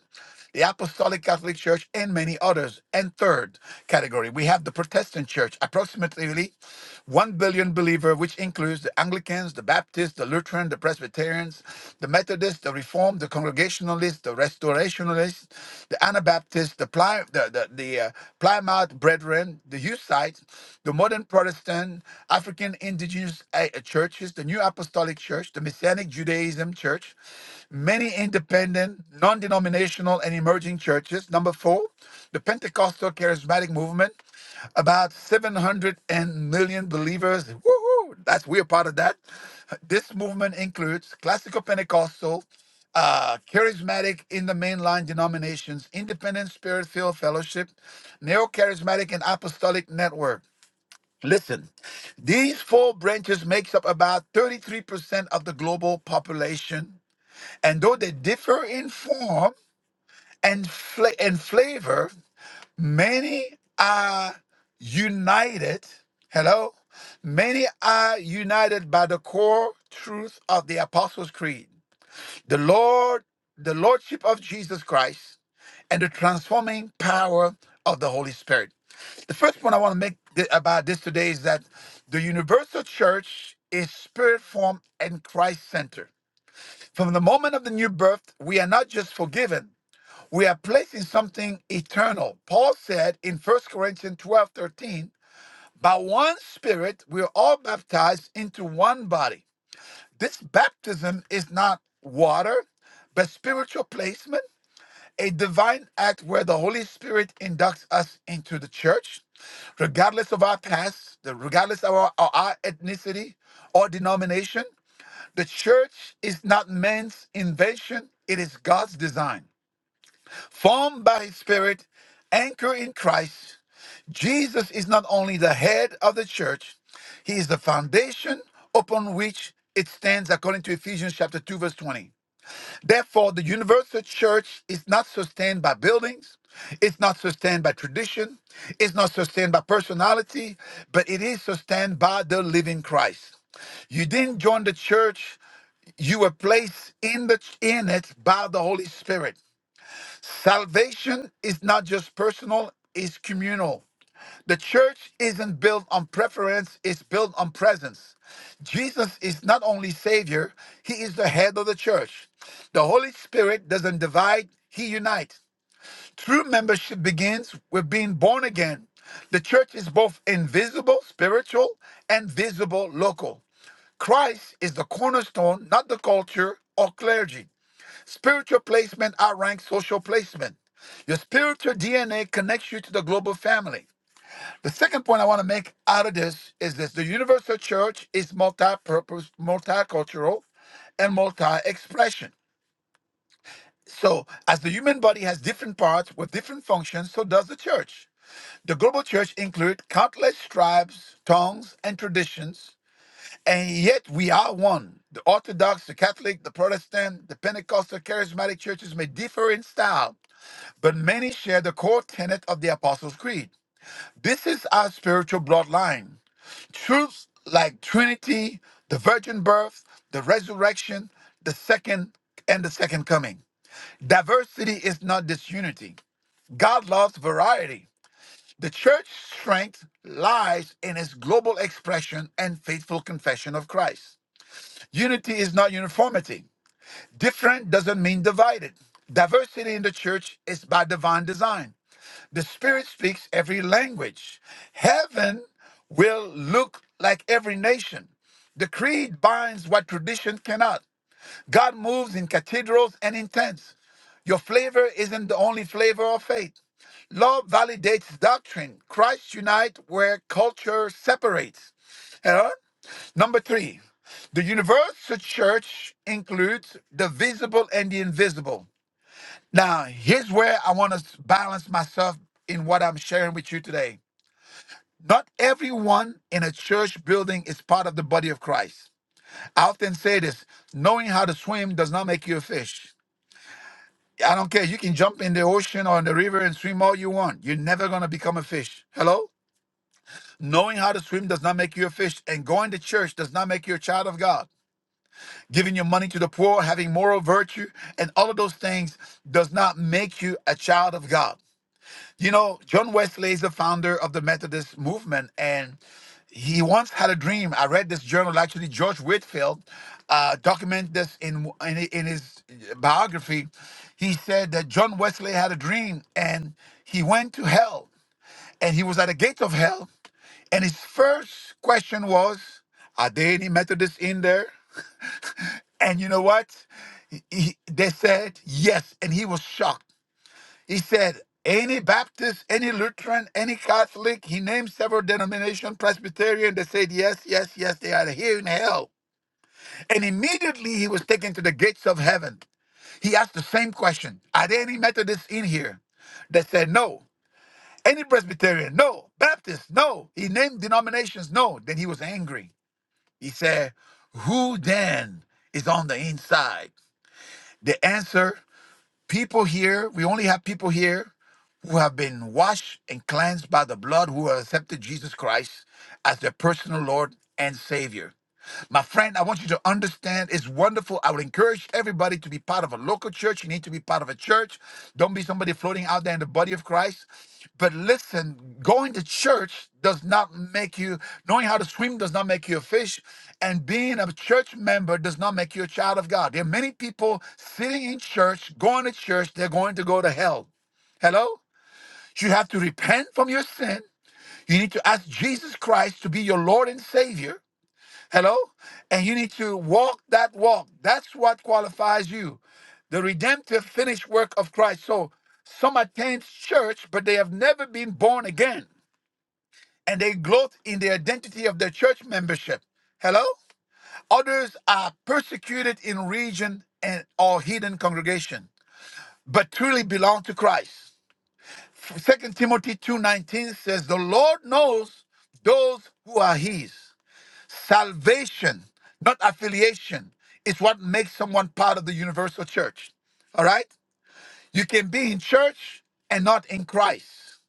the Apostolic Catholic Church, and many others. And third category, we have the Protestant Church, approximately 1 billion believer, which includes the Anglicans, the Baptists, the Lutheran, the Presbyterians, the Methodists, the Reformed, the Congregationalists, the Restorationalists, the Anabaptists, the, Ply, the, the, the uh, Plymouth Brethren, the Hussites, the modern Protestant, African indigenous uh, churches, the New Apostolic Church, the Messianic Judaism Church, many independent, non denominational, and emerging churches. Number four, the Pentecostal charismatic movement, about 700 million believers. Woohoo! That's we're part of that. This movement includes classical Pentecostal, uh, charismatic in the mainline denominations, independent spirit filled fellowship, neo charismatic and apostolic network. Listen, these four branches makes up about 33% of the global population and though they differ in form and, fla- and flavor, many are united. Hello? Many are united by the core truth of the Apostles' Creed. The Lord, the Lordship of Jesus Christ, and the transforming power of the Holy Spirit. The first point I want to make th- about this today is that the universal church is spirit formed and Christ centered. From the moment of the new birth, we are not just forgiven, we are placed in something eternal. Paul said in First Corinthians 12:13, by one spirit, we are all baptized into one body. This baptism is not water, but spiritual placement, a divine act where the Holy Spirit inducts us into the church regardless of our past, the- regardless of our, our our ethnicity or denomination. The church is not man's invention, it is God's design. Formed by His Spirit, anchored in Christ, Jesus is not only the head of the church, He is the foundation upon which it stands according to Ephesians chapter 2 verse 20. Therefore, the universal church is not sustained by buildings, it's not sustained by tradition, it's not sustained by personality, but it is sustained by the living Christ. You didn't join the church you were placed in the in it by the Holy Spirit. Salvation is not just personal, it's communal. The church isn't built on preference, it's built on presence. Jesus is not only Savior, He is the head of the church. The Holy Spirit doesn't divide, He unites. True membership begins with being born again. The church is both invisible, spiritual, and visible, local. Christ is the cornerstone, not the culture or clergy. Spiritual placement outranks social placement. Your spiritual DNA connects you to the global family. The second point I want to make out of this is this the universal church is multi-purpose, multicultural, and multi-expression. So, as the human body has different parts with different functions, so does the church. The global church includes countless tribes, tongues, and traditions, and yet we are one. The Orthodox, the Catholic, the Protestant, the Pentecostal, charismatic churches may differ in style, but many share the core tenet of the Apostles' Creed. This is our spiritual bloodline. Truths like Trinity, the virgin birth, the resurrection, the second and the second coming. Diversity is not disunity. God loves variety. The church's strength lies in its global expression and faithful confession of Christ. Unity is not uniformity. Different doesn't mean divided. Diversity in the church is by divine design. The Spirit speaks every language. Heaven will look like every nation. The creed binds what tradition cannot. God moves in cathedrals and in tents. Your flavor isn't the only flavor of faith. Love validates doctrine. Christ unites where culture separates. Huh? Number three, the universal church includes the visible and the invisible. Now, here's where I want to balance myself in what I'm sharing with you today. Not everyone in a church building is part of the body of Christ. I often say this knowing how to swim does not make you a fish. I don't care. You can jump in the ocean or in the river and swim all you want. You're never going to become a fish. Hello? Knowing how to swim does not make you a fish, and going to church does not make you a child of God. Giving your money to the poor, having moral virtue, and all of those things does not make you a child of God. You know, John Wesley is the founder of the Methodist movement, and he once had a dream. I read this journal. Actually, George Whitfield uh, documented this in, in in his biography. He said that John Wesley had a dream, and he went to hell, and he was at the gates of hell, and his first question was, "Are there any Methodists in there?" And you know what? He- he- they said yes, and he was shocked. He said, any Baptist, any Lutheran, any Catholic, he named several denominations, Presbyterian, they said, yes, yes, yes, they are here in hell. And immediately he was taken to the gates of heaven. He asked the same question Are there any Methodists in here? They said, no. Any Presbyterian? No. Baptist? No. He named denominations? No. Then he was angry. He said, Who then is on the inside? The answer People here, we only have people here who have been washed and cleansed by the blood who have accepted Jesus Christ as their personal Lord and Savior. My friend, I want you to understand it's wonderful. I would encourage everybody to be part of a local church. You need to be part of a church. Don't be somebody floating out there in the body of Christ. But listen, going to church does not make you, knowing how to swim does not make you a fish. And being a church member does not make you a child of God. There are many people sitting in church, going to church, they're going to go to hell. Hello? You have to repent from your sin. You need to ask Jesus Christ to be your Lord and Savior. Hello? And you need to walk that walk. That's what qualifies you. The redemptive finished work of Christ. So some attend church, but they have never been born again. And they gloat in the identity of their church membership. Hello? Others are persecuted in region and or hidden congregation, but truly belong to Christ. Second Timothy 2:19 says, "The Lord knows those who are his." Salvation, not affiliation, is what makes someone part of the universal church. All right? You can be in church and not in Christ.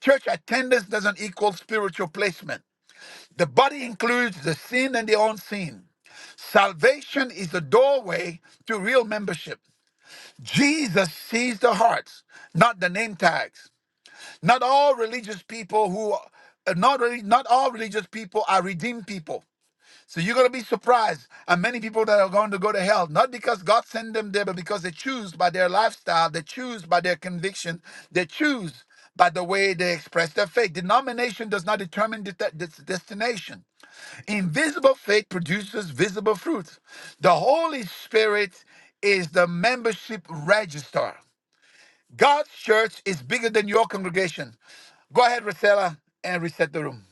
Church attendance doesn't equal spiritual placement. The body includes the seen and the unseen. Salvation is the doorway to real membership. Jesus sees the hearts, not the name tags. Not all religious people who uh, not really, not all religious people are redeemed people. So you're going to be surprised at many people that are going to go to hell, not because God sent them there, but because they choose by their lifestyle, they choose by their conviction, they choose by the way they express their faith. Denomination does not determine det- this destination. Invisible faith produces visible fruit. The Holy Spirit is the membership register. God's church is bigger than your congregation. Go ahead, Rosella, and reset the room.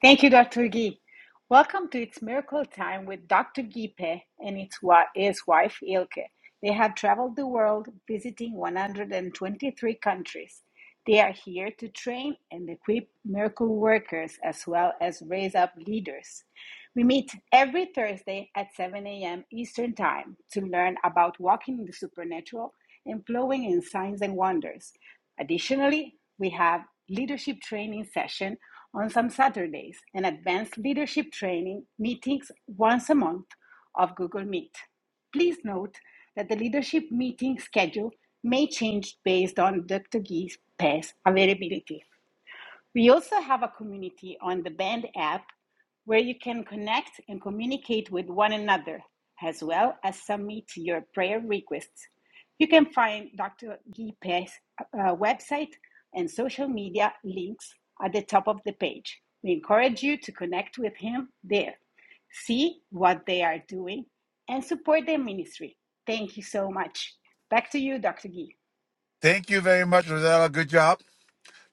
Thank you, Dr. Gee. Welcome to It's Miracle Time with Dr. Gipe and its wa- his wife Ilke. They have traveled the world visiting 123 countries. They are here to train and equip miracle workers as well as raise up leaders. We meet every Thursday at 7 a.m. Eastern Time to learn about walking in the supernatural and flowing in signs and wonders. Additionally, we have leadership training session on some Saturdays and advanced leadership training meetings once a month of Google Meet. Please note that the leadership meeting schedule may change based on Dr. Gee's PES availability. We also have a community on the Band app where you can connect and communicate with one another, as well as submit your prayer requests. You can find Dr. Gipe's uh, website and social media links at the top of the page. We encourage you to connect with him there, see what they are doing, and support their ministry. Thank you so much. Back to you, Dr. Gee. Thank you very much, Rosella. Good job.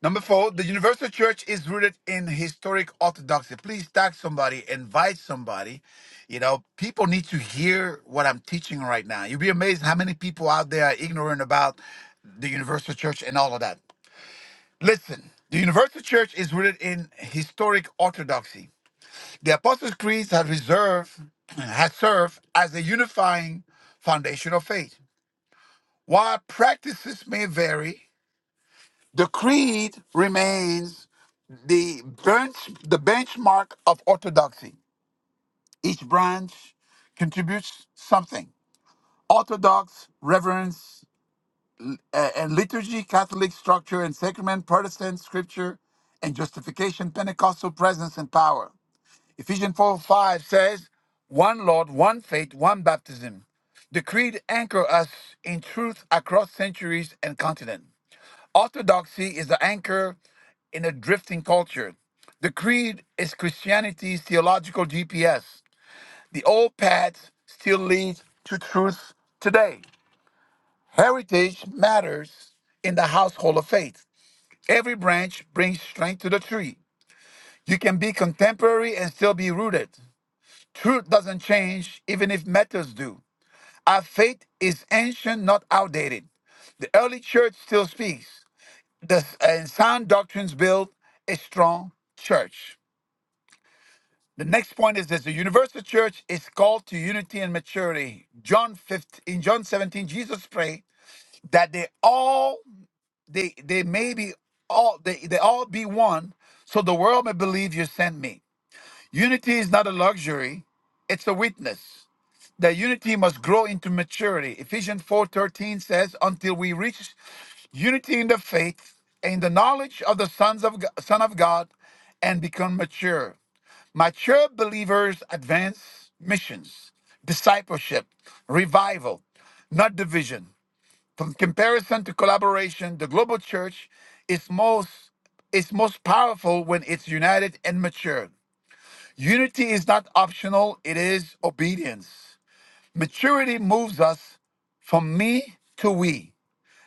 Number four, the Thank you. universal church is rooted in historic orthodoxy. Please tag somebody, invite somebody. You know, people need to hear what I'm teaching right now. You'll be amazed how many people out there are ignorant about the universal church and all of that. Listen, the universal church is rooted in historic orthodoxy. The Apostles' Creed has reserved has served as a unifying foundation of faith. While practices may vary, the creed remains the bench the benchmark of orthodoxy. Each branch contributes something. Orthodox, reverence, uh, and liturgy, Catholic structure and sacrament, Protestant scripture, and justification, Pentecostal presence and power. Ephesians 4 5 says, One Lord, one faith, one baptism. The creed anchor us in truth across centuries and continent. Orthodoxy is the anchor in a drifting culture. The creed is Christianity's theological GPS. The old paths still lead to truth today. Heritage matters in the household of faith. Every branch brings strength to the tree. You can be contemporary and still be rooted. Truth doesn't change, even if methods do. Our faith is ancient, not outdated. The early church still speaks. The, and sound doctrines build a strong church. The next point is this: the universal church is called to unity and maturity. John 15, in John 17, Jesus prayed that they all they they may be all they, they all be one, so the world may believe you sent me. Unity is not a luxury, it's a witness. The unity must grow into maturity. Ephesians 4:13 says, "Until we reach unity in the faith and in the knowledge of the sons of G- Son of God and become mature." Mature believers advance missions, discipleship, revival, not division. From comparison to collaboration, the global church is most is most powerful when it's united and mature. Unity is not optional, it is obedience. Maturity moves us from me to we.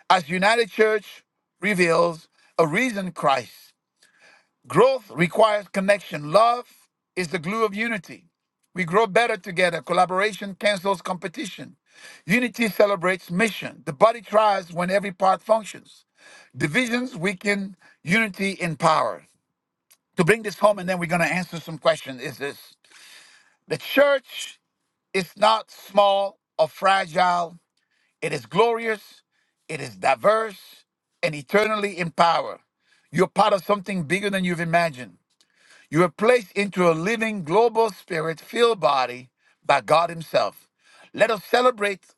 As United Church reveals a risen Christ, growth requires connection. Love is the glue of unity. We grow better together. Collaboration cancels competition. Unity celebrates mission. The body thrives when every part functions. Divisions weaken unity in power. To bring this home, and then we're going to answer some questions, is this the church It's not small or fragile. It is glorious, it is diverse, and eternally in power. You're part of something bigger than you've imagined. You were placed into a living, global spirit filled body by God Himself. Let us celebrate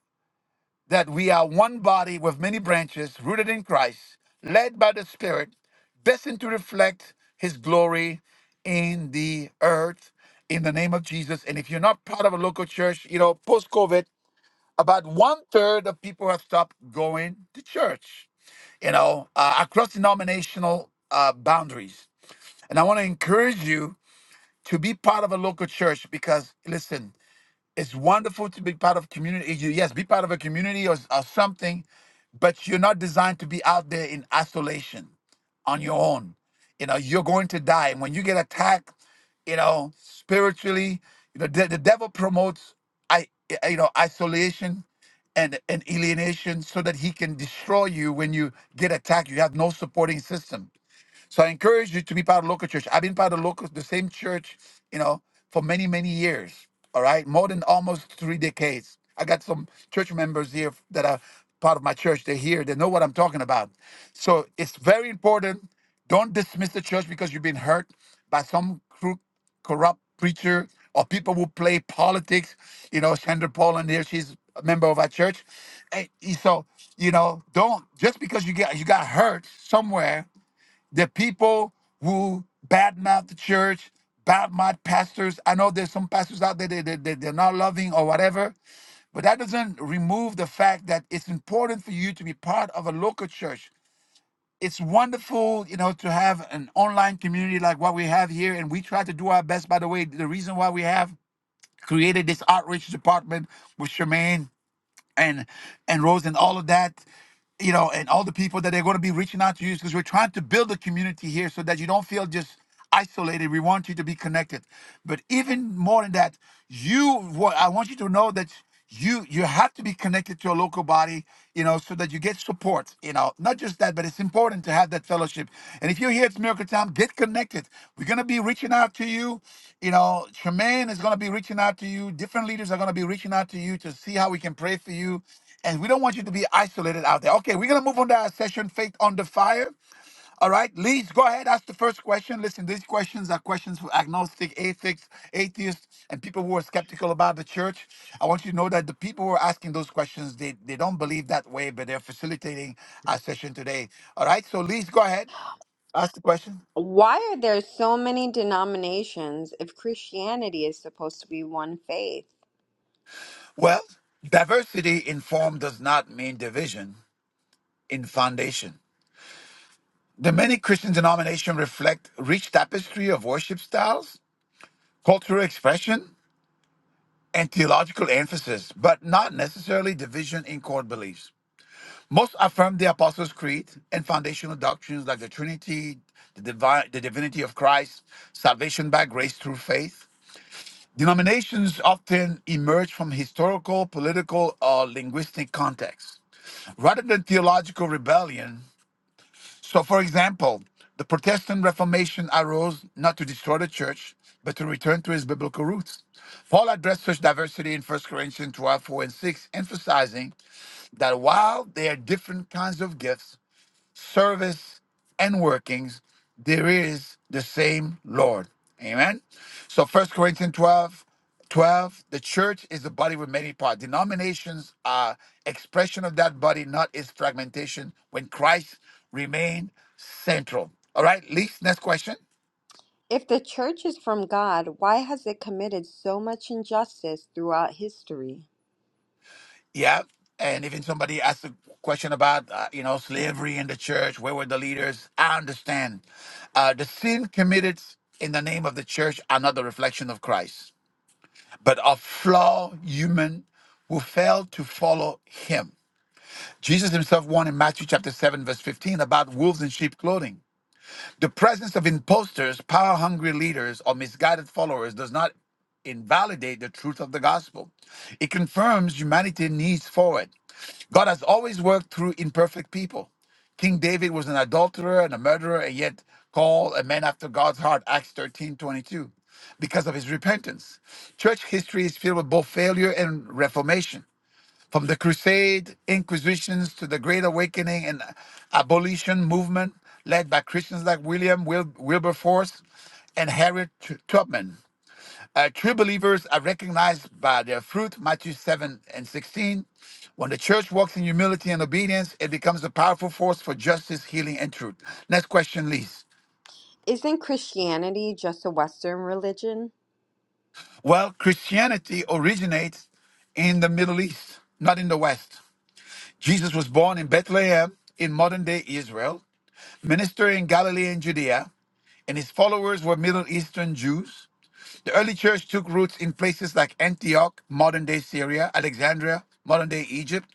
that we are one body with many branches, rooted in Christ, led by the Spirit, destined to reflect His glory in the earth in the name of Jesus. And if you're not part of a local church, you know, post COVID, about one third of people have stopped going to church, you know, uh, across denominational uh, boundaries. And I want to encourage you to be part of a local church because, listen, it's wonderful to be part of community. You- Yes, be part of a community or, or something, but you're not designed to be out there in isolation on your own. You know, you're going to die. And when you get attacked, you know, spiritually, you know, the, the devil promotes I you know isolation and, and alienation so that he can destroy you when you get attacked. You have no supporting system. So I encourage you to be part of local church. I've been part of local, the same church, you know, for many, many years. All right. More than almost three decades. I got some church members here that are part of my church. They're here. They know what I'm talking about. So it's very important. Don't dismiss the church because you've been hurt by some crook corrupt preacher or people who play politics. You know, Sandra Poland here, she's a member of our church. And so, you know, don't just because you get you got hurt somewhere the people who badmouth the church, badmouth pastors. I know there's some pastors out there that they, they, they're not loving or whatever, but that doesn't remove the fact that it's important for you to be part of a local church. It's wonderful, you know, to have an online community like what we have here, and we try to do our best. By the way, the reason why we have created this outreach department with Charmaine and and Rose and all of that, you know, and all the people that they're going to be reaching out to you because we're trying to build a community here so that you don't feel just isolated. We want you to be connected, but even more than that, you what I want you to know that you you have to be connected to a local body, you know, so that you get support, you know, not just that, but it's important to have that fellowship. And if you're here, it's Miracle Time, get connected. We're going to be reaching out to you. You know, Tremaine is going to be reaching out to you. Different leaders are going to be reaching out to you to see how we can pray for you. And we don't want you to be isolated out there. Okay, we're going to move on to our session, Faith on the Fire. All right, Leeds, go ahead. Ask the first question. Listen, these questions are questions for agnostic, atheists, atheists, and people who are skeptical about the church. I want you to know that the people who are asking those questions, they, they don't believe that way, but they're facilitating our session today. All right, so Leeds, go ahead. Ask the question. Why are there so many denominations if Christianity is supposed to be one faith? Well, diversity in form does not mean division in foundation. The many Christian denominations reflect rich tapestry of worship styles, cultural expression, and theological emphasis, but not necessarily division in core beliefs. Most affirm the Apostles' Creed and foundational doctrines like the Trinity, the, divi- the divinity of Christ, salvation by grace through faith. Denominations often emerge from historical, political, or linguistic contexts. Rather than theological rebellion, so, for example, the Protestant Reformation arose not to destroy the church, but to return to its biblical roots. Paul addressed such diversity in First Corinthians 12, 4, and 6, emphasizing that while there are different kinds of gifts, service, and workings, there is the same Lord. Amen. So First Corinthians 12, 12. the church is a body with many parts. Denominations are expression of that body, not its fragmentation, when Christ remained central. All right, Lee, next question. If the church is from God, why has it committed so much injustice throughout history? Yeah. And even somebody asked a question about, uh, you know, slavery in the church, where were the leaders? I understand. Uh, the sin committed in the name of the church are not the reflection of Christ. but a flawed human will fail to follow him. Jesus himself warned in Matthew chapter 7, verse 15 about wolves in sheep clothing. The presence of imposters, power hungry leaders, or misguided followers does not invalidate the truth of the gospel. It confirms humanity needs forward. God has always worked through imperfect people. King David was an adulterer and a murderer, and yet called a man after God's heart, Acts 13:22) because of his repentance. Church history is filled with both failure and reformation. From the Crusade, Inquisitions, to the Great Awakening and abolition movement led by Christians like William Wil- Wilberforce and Harriet Tubman, uh, true believers are recognized by their fruit, Matthew 7 and 16. When the church walks in humility and obedience, it becomes a powerful force for justice, healing, and truth. Next question, Lise. Isn't Christianity just a Western religion? Well, Christianity originates in the Middle East, not in the West. Jesus was born in Bethlehem in modern day Israel, ministered in Galilee and Judea, and his followers were Middle Eastern Jews. The early church took roots in places like Antioch, modern day Syria, Alexandria, modern day Egypt,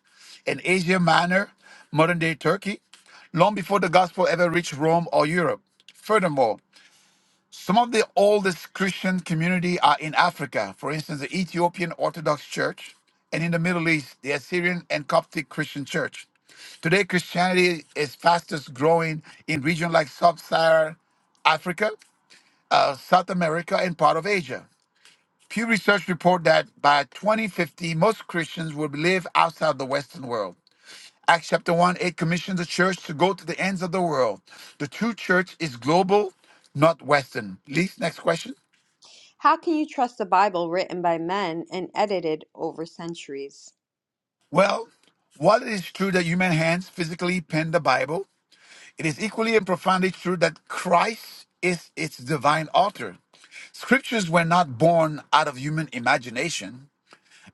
and Asia Minor, modern day Turkey, long before the gospel ever reached Rome or Europe. Furthermore, some of the oldest Christian community are in Africa, for instance, the Ethiopian Orthodox Church, and in the Middle East, the Assyrian and Coptic Christian Church. Today, Christianity is fastest growing in regions like Sub Saharan Africa, uh, South America, and part of Asia. Pew Research report that by 2050, most Christians will live outside the Western world. Acts chapter 1, it commissions the church to go to the ends of the world. The true church is global, not Western. Leith, next question. How can you trust a Bible written by men and edited over centuries? Well, while it is true that human hands physically penned the Bible, it is equally and profoundly true that Christ is its divine author. Scriptures were not born out of human imagination.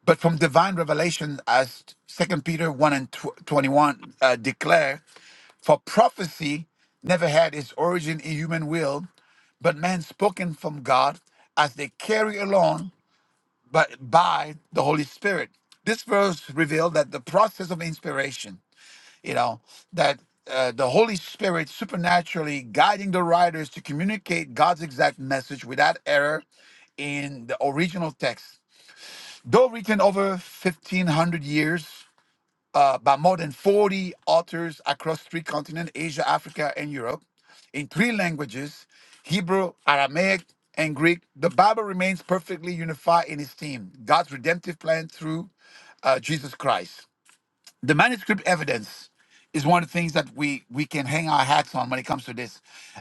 but from divine revelation, as Second Peter one and tw- twenty one uh, declare, for prophecy never had its origin in human will, but man spoken from God as they carry along, but by the Holy Spirit. This verse revealed that the process of inspiration, you know, that uh, the Holy Spirit supernaturally guiding the writers to communicate God's exact message without error in the original text Though written over 1,500 years uh, by more than 40 authors across three continents, Asia, Africa, and Europe, in three languages Hebrew, Aramaic, and Greek, the Bible remains perfectly unified in its theme God's redemptive plan through uh, Jesus Christ the manuscript evidence is one of the things that we we can hang our hats on when it comes to this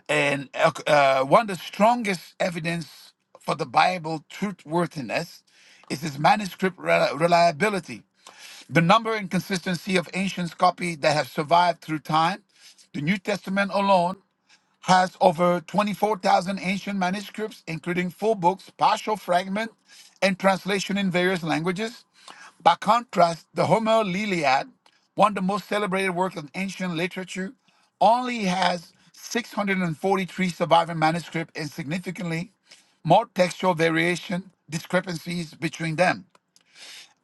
and uh, uh, one of the strongest evidence for the bible truthworthiness is its manuscript reli- reliability the number and consistency of ancient copy that have survived through time the new testament alone has over 24,000 ancient manuscripts, including full books, partial fragments, and translation in various languages. By contrast, the Homer *Iliad*, one of the most celebrated works of ancient literature, only has 643 surviving manuscripts and significantly more textual variation discrepancies between them.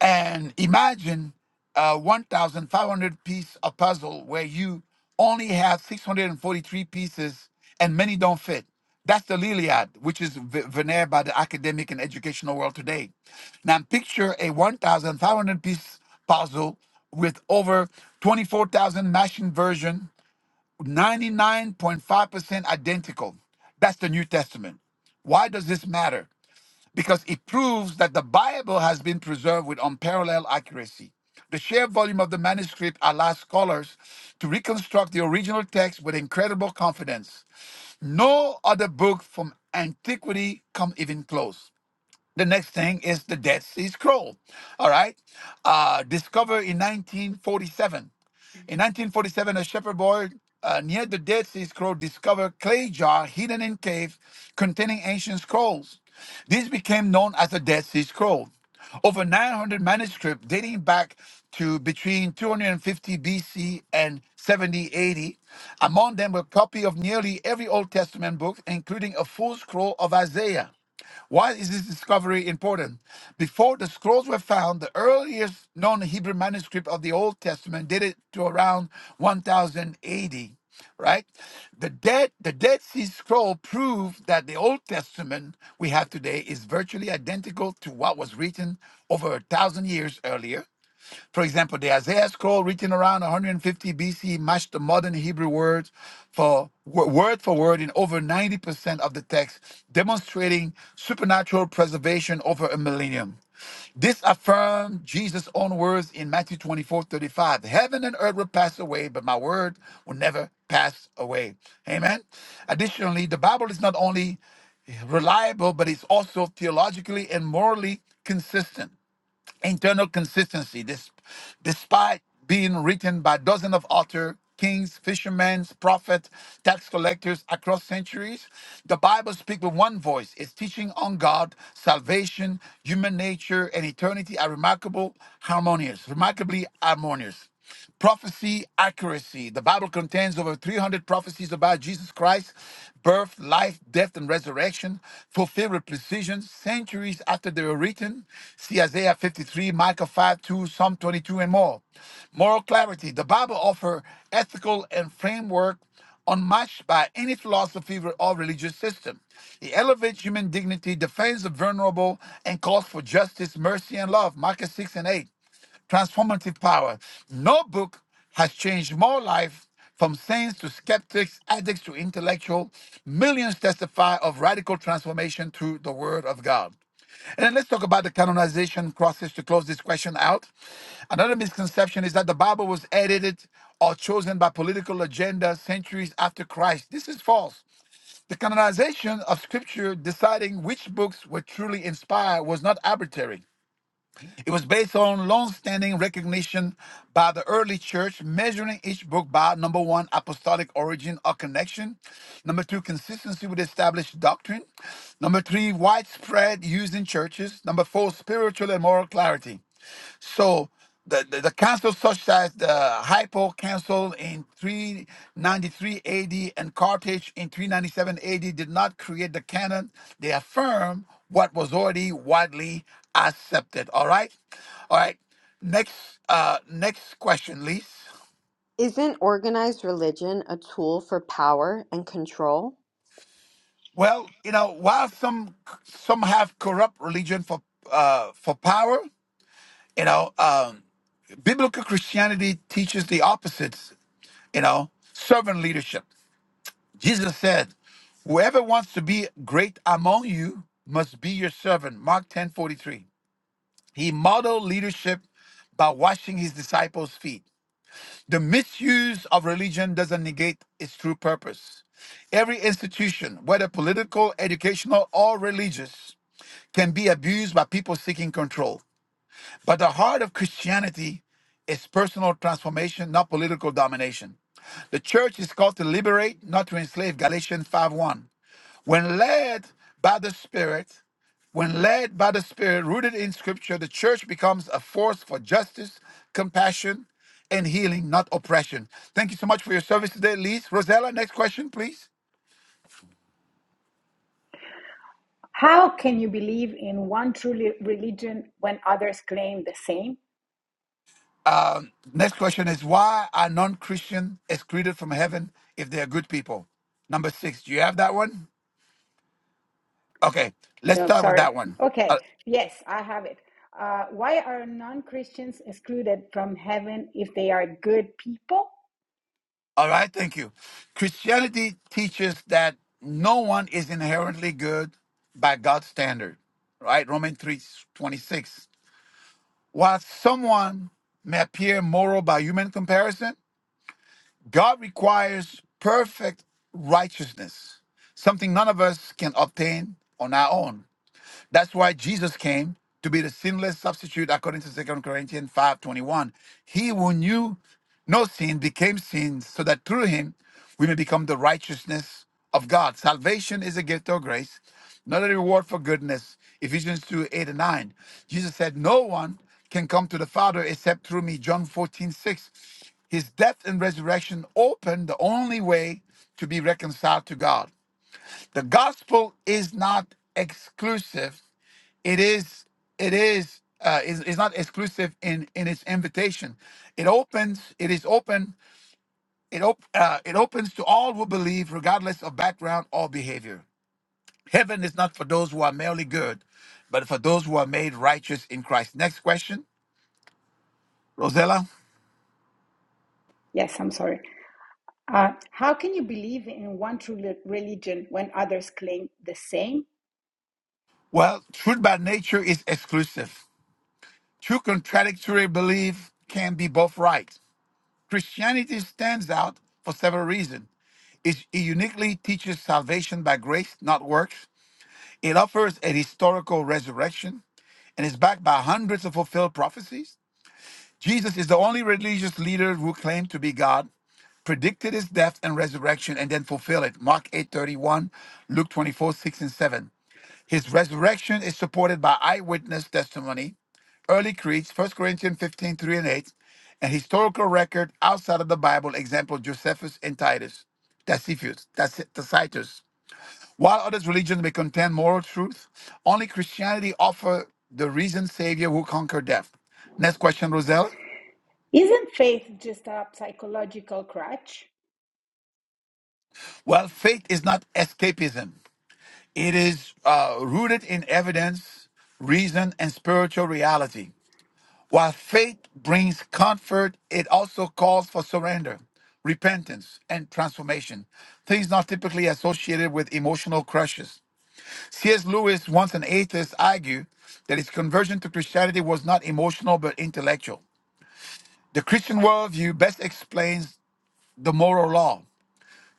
And imagine a 1,500 piece of puzzle where you only have 643 pieces and many don't fit. That's the Liliad, which is ve- veneered by the academic and educational world today. Now, picture a 1,500 piece puzzle with over 24,000 matching version, 99.5% identical. That's the New Testament. Why does this matter? because it proves that the Bible has been preserved with unparalleled accuracy. The sheer volume of the manuscript allows scholars to reconstruct the original text with incredible confidence. No other book from antiquity come even close. The next thing is the Dead Sea Scroll. All right. Uh, discovered in 1947. In 1947, a shepherd boy uh, near the Dead Sea Scroll discovered clay jar hidden in cave containing ancient scrolls. These became known as the Dead Sea Scroll. Over 900 manuscripts dating back to between 250 BC and 70 AD. Among them were copy of nearly every Old Testament book, including a full scroll of Isaiah. Why is this discovery important? Before the scrolls were found, the earliest known Hebrew manuscript of the Old Testament dated to around 1080 right? The Dead the Dead Sea Scroll proved that the Old Testament we have today is virtually identical to what was written over a thousand years earlier, for example, the Isaiah scroll written around 150 BC matched the modern Hebrew words for wo- word for word in over 90% of the text, demonstrating supernatural preservation over a millennium. This affirmed Jesus' own words in Matthew 24:35: Heaven and earth will pass away, but my word will never pass away. Amen. Additionally, the Bible is not only reliable, but it's also theologically and morally consistent internal consistency, dis- despite being written by dozens of authors, kings, fishermen, prophets, tax collectors across centuries, the Bible speaks with one voice. Its teaching on God, salvation, human nature, and eternity are remarkable, harmonious, remarkably harmonious prophecy accuracy. The Bible contains over 300 prophecies about Jesus Christ, birth, life, death, and resurrection, fulfilled with precision centuries after they were written. See Isaiah 53, Micah 5, 2, Psalm 22, and more. Moral clarity. The Bible offers ethical and framework unmatched by any philosophy or religious system. It elevates human dignity, defends the vulnerable, and calls for justice, mercy, and love. Micah 6 and 8 transformative power. No book has changed more life from saints to skeptics, addicts to intellectual. Millions testify of radical transformation through the word of God. And then let's talk about the canonization process to close this question out. Another misconception is that the Bible was edited or chosen by political agenda centuries after Christ. This is false. The canonization of scripture deciding which books were truly inspired was not arbitrary. It was based on long-standing recognition by the early church, measuring each book by number one, apostolic origin or connection, number two, consistency with established doctrine, number three, widespread use in churches, number four, spiritual and moral clarity. So the, the, the council such as the Hypo Council in 393 AD and Carthage in 397 AD did not create the canon. They affirm what was already widely accepted. All right. All right. Next uh next question, Lise. Isn't organized religion a tool for power and control? Well, you know, while some some have corrupt religion for uh for power, you know, um biblical Christianity teaches the opposites, you know, servant leadership. Jesus said, Whoever wants to be great among you must be your servant. Mark 10 43. He modeled leadership by washing his disciples' feet. The misuse of religion doesn't negate its true purpose. Every institution, whether political, educational, or religious, can be abused by people seeking control. But the heart of Christianity is personal transformation, not political domination. The church is called to liberate, not to enslave. Galatians five one. When led by the Spirit, when led by the Spirit, rooted in Scripture, the church becomes a force for justice, compassion, and healing, not oppression. Thank you so much for your service today, Lise. Rosella, next question, please. How can you believe in one truly religion when others claim the same? Um, next question is why are non-Christian excluded from heaven if they are good people? Number six, do you have that one? Okay, let's No, start with sorry. that one. Uh, Okay, yes, I have it. Uh, why are non Christians excluded from heaven if they are good people? all right, thank you. Christianity teaches that no one is inherently good by God's standard, right? Romans 3 26. While someone may appear moral by human comparison, God requires perfect righteousness, something none of us can obtain on our own. That's why Jesus came to be the sinless substitute according to Second Corinthians 5:21. He who knew no sin became sin so that through him we may become the righteousness of God. Salvation is a gift of grace, not a reward for goodness. Ephesians 2, 8 and 9. Jesus said, No one can come to the Father except through me. John 14:6. His death and resurrection opened the only way to be reconciled to God. The gospel is not exclusive. It is it is uh is, is not exclusive in in its invitation. It opens, it is open, it op- uh, it opens to all who believe regardless of background or behavior. Heaven is not for those who are merely good, but for those who are made righteous in Christ. Next question, Rosella. Yes, I'm sorry. Uh, how can you believe in one true religion when others claim the same? Well, truth by nature is exclusive. True contradictory belief can be both right. Christianity stands out for several reasons. It it uniquely teaches salvation by grace, not works. It offers a historical resurrection and is backed by hundreds of fulfilled prophecies. Jesus is the only religious leader who claimed to be God, predicted his death and resurrection, and then fulfilled it. Mark 8:31, Luke 24, 6 and 7. His resurrection is supported by eyewitness testimony, early creeds, 1 Corinthians 15:3 and 8, and historical record outside of the Bible, example Josephus and Titus, Tacitus, Tacitus. While other religions may contain moral truth, only Christianity offers the risen Savior who conquered death. Next question, Roselle. Isn't faith just a psychological crutch? Well, faith is not escapism. It is uh, rooted in evidence, reason, and spiritual reality. While faith brings comfort, it also calls for surrender, repentance, and transformation, things not typically associated with emotional crushes. T.S. Lewis, once an atheist, argued that his conversion to Christianity was not emotional but intellectual. The Christian worldview best explains the moral law,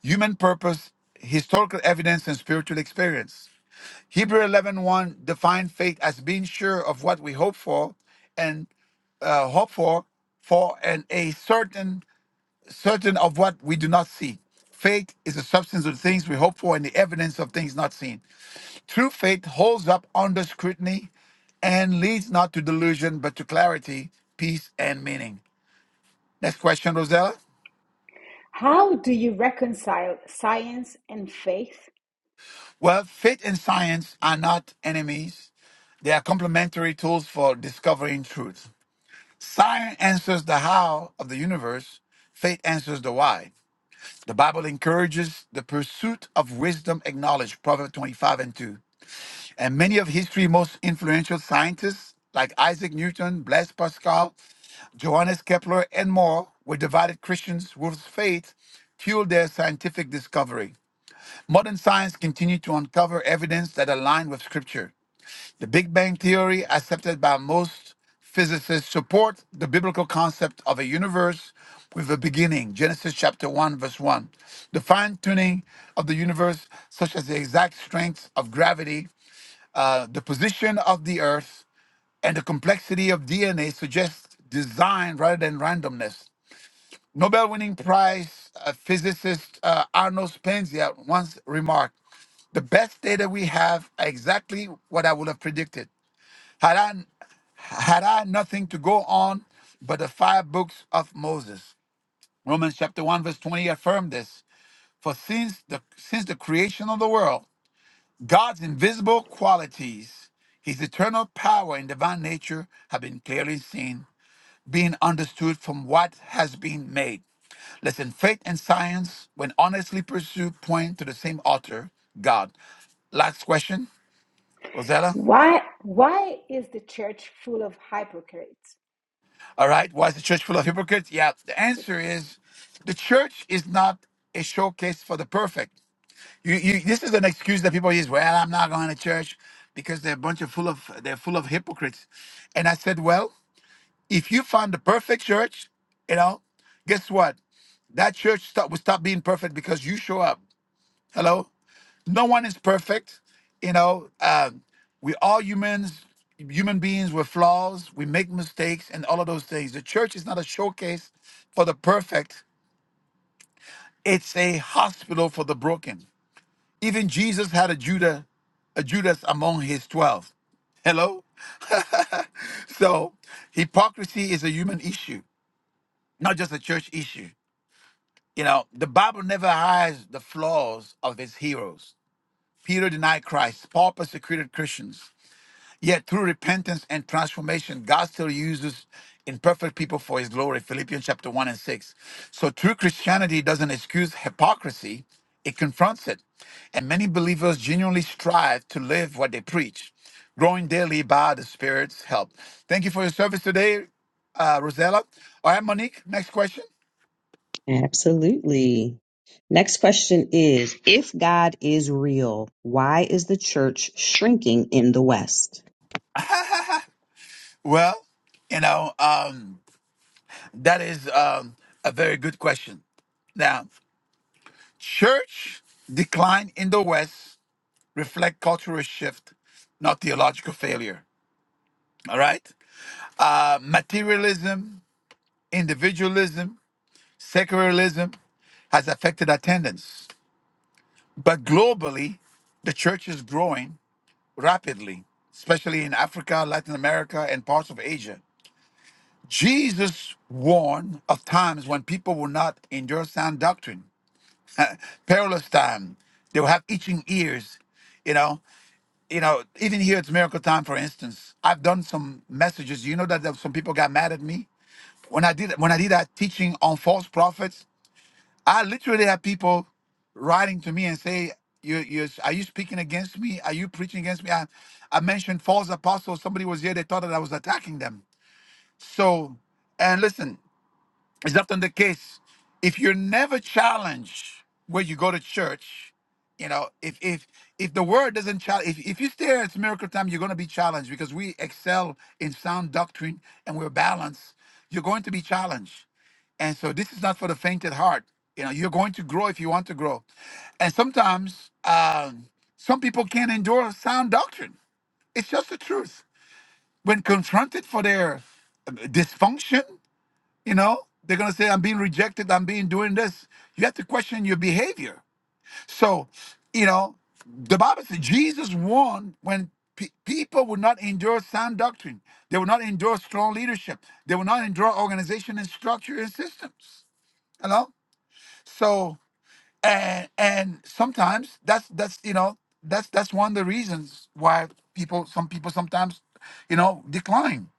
human purpose, historical evidence, and spiritual experience. Hebrew 11.1 defined faith as being sure of what we hope for and uh, hope for, for and a certain certain of what we do not see. Faith is the substance of things we hope for and the evidence of things not seen. True faith holds up under scrutiny and leads not to delusion, but to clarity, peace, and meaning. Next question, Rosella. How do you reconcile science and faith? Well, faith and science are not enemies. They are complementary tools for discovering truth. Science answers the how of the universe, faith answers the why. The Bible encourages the pursuit of wisdom and knowledge, Proverbs 25 and 2. And many of history's most influential scientists, like Isaac Newton, Blaise Pascal, Johannes Kepler, and more, were devoted Christians whose faith fueled their scientific discovery. Modern science continued to uncover evidence that aligned with Scripture. The Big Bang Theory, accepted by most physicists, support the biblical concept of a universe with a beginning, Genesis chapter 1, verse 1. The fine tuning of the universe, such as the exact strength of gravity, uh, the position of the Earth and the complexity of DNA suggest design rather than randomness. Nobel winning prize uh, physicist uh, Arno Spenzia once remarked The best data we have are exactly what I would have predicted. Had I, had I nothing to go on but the five books of Moses. Romans chapter 1, verse 20 affirmed this. For since the since the creation of the world, God's invisible qualities, his eternal power and divine nature have been clearly seen, being understood from what has been made. Listen, faith and science, when honestly pursued, point to the same author, God. Last question, Rosella. Why, why is the church full of hypocrites? All right, why is the church full of hypocrites? Yeah, the We can answer pray. is the church is not a showcase for the perfect. You, you, this is an excuse that people use. Well, I'm not going to church because they're a bunch of full of they're full of hypocrites. And I said, well, If you find the perfect church, you know, guess what? That church stop, will stop being perfect because you show up. Hello? No one is perfect. You know, um, we all humans, human beings with flaws. We make mistakes and all of those things. The church is not a showcase for the perfect. It's a hospital for the broken. Even Jesus had a Judah, a Judas among his twelve. Hello? So hypocrisy is a human issue, not just a church issue. You know, the Bible never hides the flaws of its heroes. Peter denied Christ, Paul persecuted Christians. Yet through repentance and transformation, God still uses imperfect people for his glory. Philippians chapter 1 and 6. So true Christianity doesn't excuse hypocrisy, it confronts it. And many believers genuinely strive to live what they preach, growing daily by the Spirit's help. Thank you for your service today, uh, Rosella. All right, Monique, next question. Absolutely. Next question is If God is real, why is the church shrinking in the West? Well, you know, um, that is um, a very good question. Now, church decline in the West reflect cultural shift, not theological failure. All right, uh, materialism, individualism, secularism has affected attendance, but globally, the church is growing rapidly, especially in Africa, Latin America, and parts of Asia. Jesus warned of times when people will not endure sound doctrine, perilous time. They will have itching ears. You know, you know. Even here, it's miracle time. For instance, I've done some messages. You know that there- some people got mad at me when I did when I did that teaching on false prophets. I literally had people writing to me and say, you, you, are you speaking against me? Are you preaching against me? I, I mentioned false apostles. Somebody was here. They thought that I was attacking them. So, and listen. It's often the case. If you're never challenged where you go to church, you know, if if if the word doesn't challenge, if, if you stay here at miracle time, you're going to be challenged because we excel in sound doctrine and we're balanced. You're going to be challenged. And so this is not for the fainted heart. You know, you're going to grow if you want to grow. And sometimes um, some people can't endure sound doctrine. It's just the truth. When confronted for their uh, dysfunction, you know, they're going to say, I'm being rejected, I'm being doing this. You have to question your behavior. So, you know, the Bible says Jesus warned when pe- people would not endure sound doctrine, they would not endure strong leadership, they would not endure organization and structure and systems. You know, so and and sometimes that's that's you know that's that's one of the reasons why people some people sometimes you know decline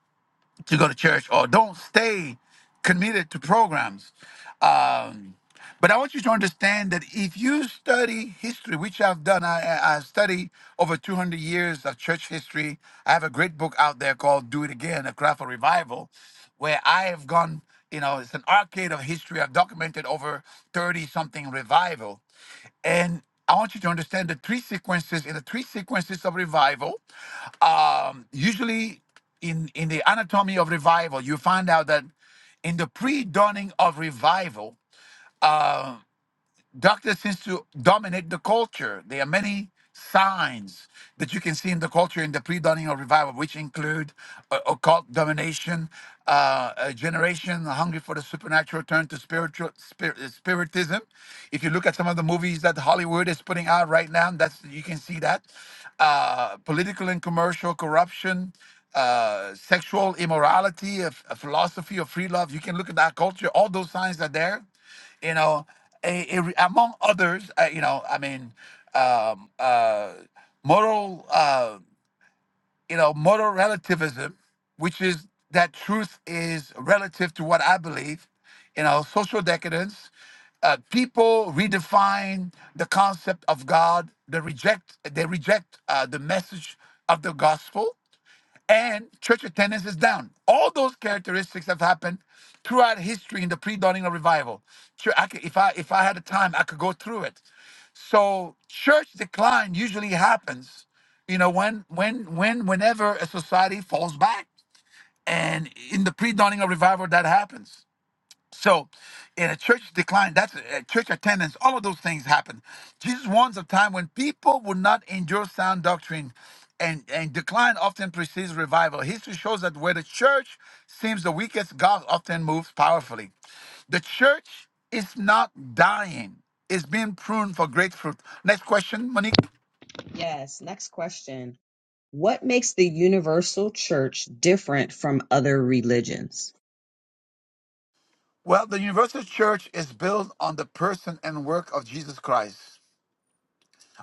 to go to church or don't stay committed to programs. Um, but I want you to understand that if you study history, which I've done, I, I I study over 200 years of church history. I have a great book out there called Do It Again, A Cry for Revival, where I have gone, you know, it's an arcade of history. I've documented over 30 something revival. And I want you to understand the three sequences in the three sequences of revival. Um, usually, in in the anatomy of revival, you find out that in the pre-dawning of revival, uh, Darkness seems to dominate the culture. There are many signs that you can see in the culture in the pre-dawning of revival, which include uh, occult domination, uh, a generation hungry for the supernatural turn to spiritual spir- uh, spiritism. If you look at some of the movies that Hollywood is putting out right now, that's you can see that uh, political and commercial corruption, uh, sexual immorality, a, a philosophy of free love. You can look at that culture. All those signs are there you know, a, a, re- among others, uh, you know, I mean, um, uh, moral, uh, you know, moral relativism, which is that truth is relative to what I believe, you know, social decadence. Uh, people redefine the concept of God. They reject. They reject uh, the message of the gospel and church attendance is down. All those characteristics have happened throughout history in the pre-dawning of revival. Chur- I could- if I if I had the time, I could go through it. So church decline usually happens, you know, when when when whenever a society falls back, and in the pre-dawning of revival, that happens. So, in a church decline, that's uh, church attendance, all of those things happen. Jesus warns of time when people would not endure sound doctrine, and, and decline often precedes revival. History shows that where the church seems the weakest, God often moves powerfully. The church is not dying, it's being pruned for great fruit. Next question, Monique. Yes. Next question What makes the universal church different from other religions? Well, the universal church is built on the person and work of Jesus Christ.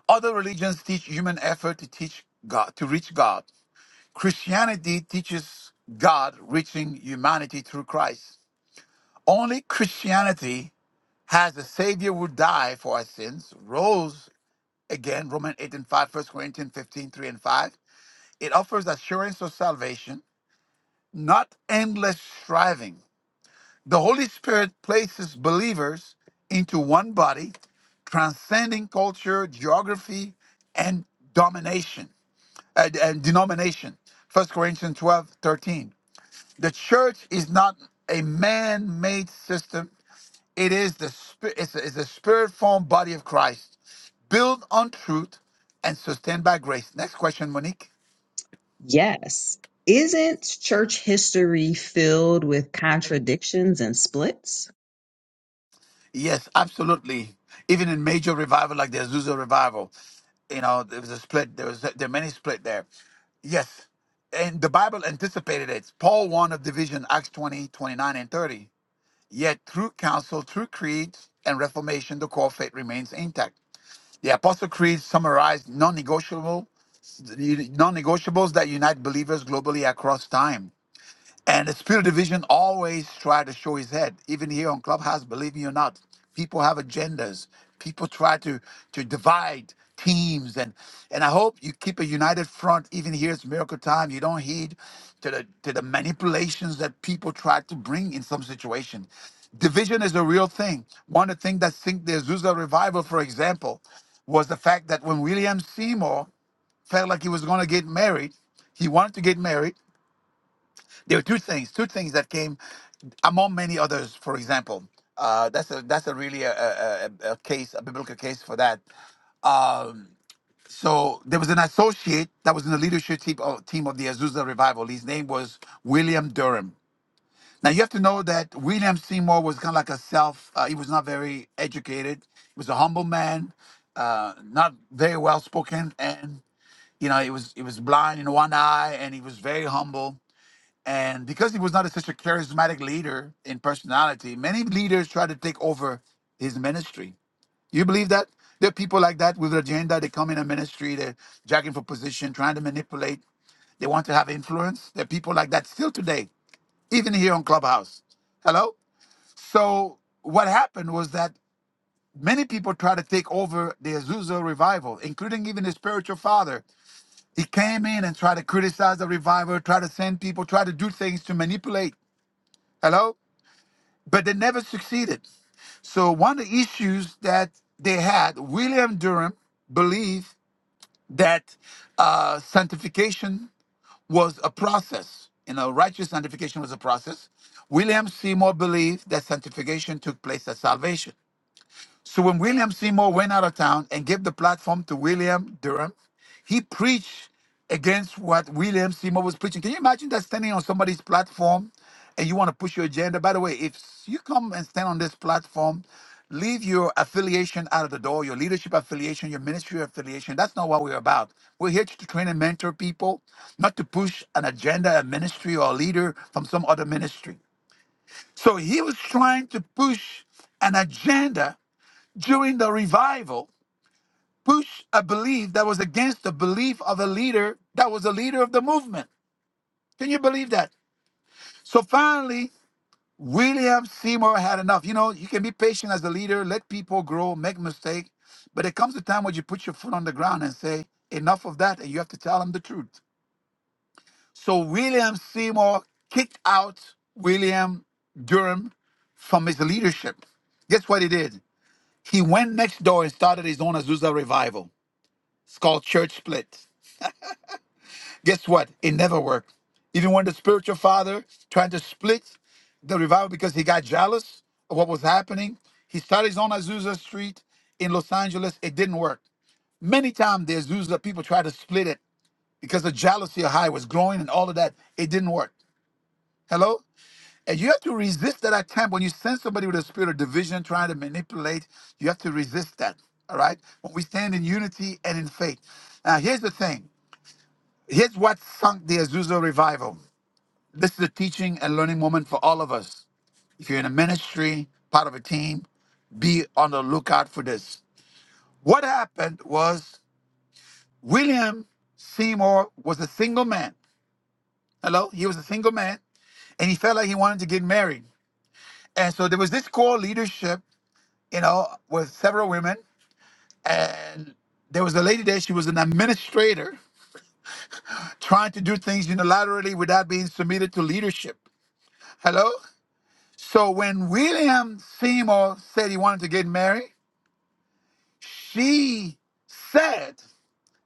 Other religions teach human effort to teach God, to reach God. Christianity teaches God reaching humanity through Christ. Only Christianity has a Savior who died for our sins, rose again, Romans 8 and 5, First Corinthians 15 3 and 5. It offers assurance of salvation, not endless striving. The Holy Spirit places believers into one body, transcending culture, geography, and domination and, and denomination. First Corinthians 12 13. The church is not a man-made system. It is the spirit. It's a, it's a spirit-formed body of Christ, built on truth and sustained by grace. Next question, Monique. Yes. Isn't church history filled with contradictions and splits? Yes, absolutely. Even in major revival like the Azusa revival, you know, there was a split. There was there are many split there. Yes. And the Bible anticipated it. Paul warned of division, Acts 20 29 and 30. Yet through council, through creeds and reformation, the core faith remains intact. The Apostle Creed summarized non-negotiable non-negotiables that unite believers globally across time. And the spirit division always try to show his head. Even here on Clubhouse, believe me or not, people have agendas. People try to to divide teams and and I hope you keep a united front even here it's miracle time. You don't heed to the to the manipulations that people try to bring in some situation. Division is a real thing. One of the things that sink the Azusa revival, for example, was the fact that when William Seymour felt like he was going to get married, he wanted to get married, there were two things, two things that came among many others. For example, uh, that's a that's a really a, a, a a case, a biblical case for that. Um, so there was an associate that was in the leadership team of, team of the Azusa revival. His name was William Durham. Now you have to know that William Seymour was kind of like a self. Uh, he was not very educated. He was a humble man, uh, not very well spoken, and you know he was he was blind in one eye, and he was very humble and because he was not a, such a charismatic leader in personality, many leaders tried to take over his ministry. You believe that? There are people like that with an agenda. They come in a ministry, they're jacking for position, trying to manipulate. They want to have influence. There are people like that still today, even here on Clubhouse. Hello? So, what happened was that many people tried to take over the Azusa revival, including even his spiritual father. He came in and tried to criticize the revival, try to send people, try to do things to manipulate. Hello? but they never succeeded. So one of the issues that they had, William Durham believed that uh, sanctification was a process. You know, righteous sanctification was a process. William Seymour believed that sanctification took place at salvation. So when William Seymour went out of town and gave the platform to William Durham, he preached against what William Seymour was preaching. Can you imagine that standing on somebody's platform and you want to push your agenda? By the way, if you come and stand on this platform, leave your affiliation out of the door, your leadership affiliation, your ministry affiliation. That's not what we're about. We're here to train and mentor people, not to push an agenda, a ministry, or a leader from some other ministry. So he was trying to push an agenda during the revival push a belief that was against the belief of a leader that was a leader of the movement. Can you believe that? So finally, William Seymour had enough. You know, you can be patient as a leader, let people grow, make mistakes, but there comes a time when you put your foot on the ground and say, enough of that, and you have to tell them the truth. So William Seymour kicked out William Durham from his leadership. Guess what he did? He went next door and started his own Azusa revival. It's called church split. Guess what? It never worked. Even when the spiritual father tried to split the revival because he got jealous of what was happening, he started his own Azusa Street in Los Angeles. It didn't work. Many times the Azusa people tried to split it because the jealousy of how it was growing and all of that. It didn't work. Hello? And you have to resist that attempt when you send somebody with a spirit of division trying to manipulate. You have to resist that. All right? When we stand in unity and in faith. Now, here's the thing. Here's what sunk the Azusa revival. This is a teaching and learning moment for all of us. If you're in a ministry, part of a team, be on the lookout for this. What happened was William Seymour was a single man. Hello? He was a single man and he felt like he wanted to get married. And so there was this core leadership, you know, with several women. And there was a lady there, she was an administrator trying to do things unilaterally without being submitted to leadership. Hello? So when William Seymour said he wanted to get married, she said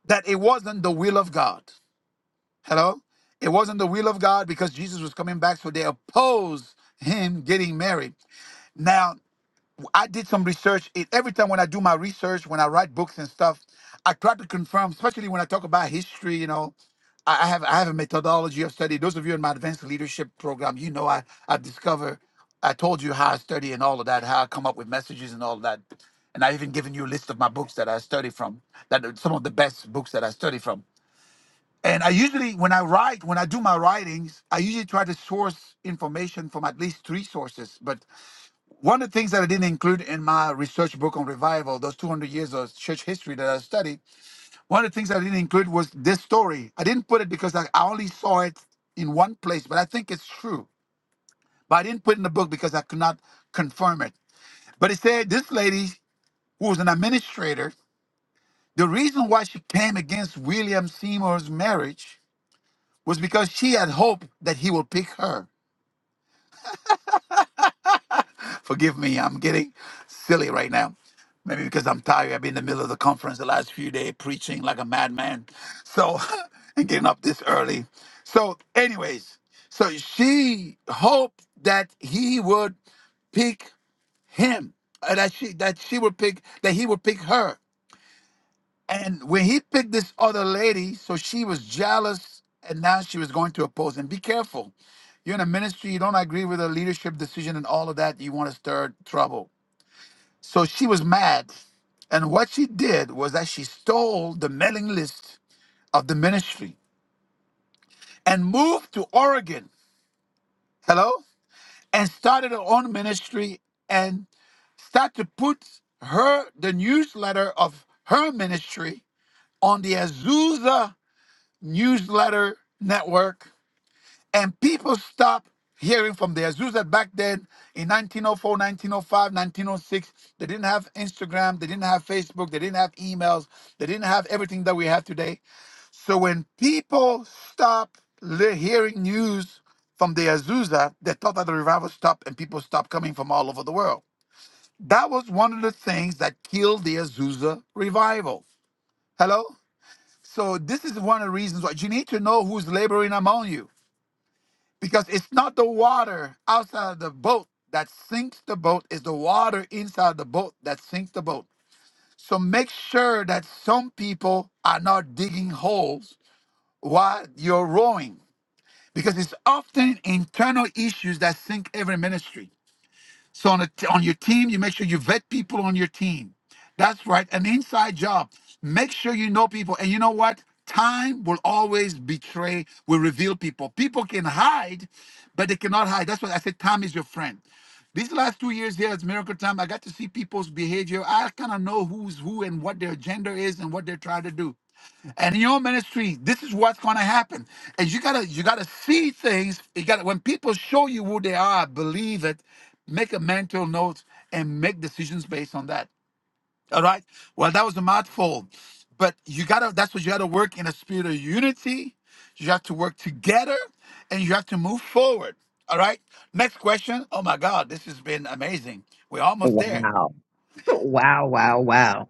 that it wasn't the will of God. Hello? It wasn't the will of God because Jesus was coming back, so they opposed him getting married. Now, I did some research. It, every time when I do my research, when I write books and stuff, I try to confirm, especially when I talk about history. You know, I, I have I have a methodology of study. Those of you in my advanced leadership program, you know, I I discover. I told you how I study and all of that, how I come up with messages and all of that, and I even given you a list of my books that I study from, that are some of the best books that I study from. And I usually, when I write, when I do my writings, I usually try to source information from at least three sources. But one of the things that I didn't include in my research book on revival, those 200 years of church history that I studied, one of the things I didn't include was this story. I didn't put it because I, I only saw it in one place, but I think it's true. But I didn't put it in the book because I could not confirm it. But it said this lady, who was an administrator, the reason why she came against William Seymour's marriage was because she had hoped that he would pick her. Forgive me, I'm getting silly right now. Maybe because I'm tired. I've been in the middle of the conference the last few days preaching like a madman. So, and getting up this early. So, anyways, so she hoped that he would pick him, uh, that she that she would pick that he would pick her. And when he picked this other lady, so she was jealous, and now she was going to oppose him. Be careful. You're in a ministry, you don't agree with a leadership decision and all of that, you want to stir trouble. So she was mad. And what she did was that she stole the mailing list of the ministry and moved to Oregon. Hello? And started her own ministry and started to put her the newsletter of her ministry on the Azusa newsletter network and people stopped hearing from the Azusa back then in 1904, 1905, 1906. They didn't have Instagram, they didn't have Facebook, they didn't have emails, they didn't have everything that we have today. So when people stopped li- hearing news from the Azusa, they thought that the revival stopped and people stopped coming from all over the world. That was one of the things that killed the Azusa revival. Hello? So this is one of the reasons why you need to know who's laboring among you because it's not the water outside of the boat that sinks the boat it's the water inside the boat that sinks the boat so make sure that some people are not digging holes while you're rowing because it's often internal issues that sink every ministry so on a t on your team, you make sure you vet people on your team. That's right, an inside job. Make sure you know people. And you know what? Time will always betray, will reveal people. People can hide, but they cannot hide. That's why I said time is your friend. These last two years here at Miracle Time, I got to see people's behavior. I kind of know who's who and what their agenda is and what they're trying to do and in your ministry this is what's going to happen and you gotta you gotta see things you gotta when people show you who they are believe it make a mental note and make decisions based on that all right well that was a mouthful but you gotta that's what you gotta work in a spirit of unity you have to work together and you have to move forward all right next question oh my god this has been amazing we're almost there Wow. Wow, wow, wow.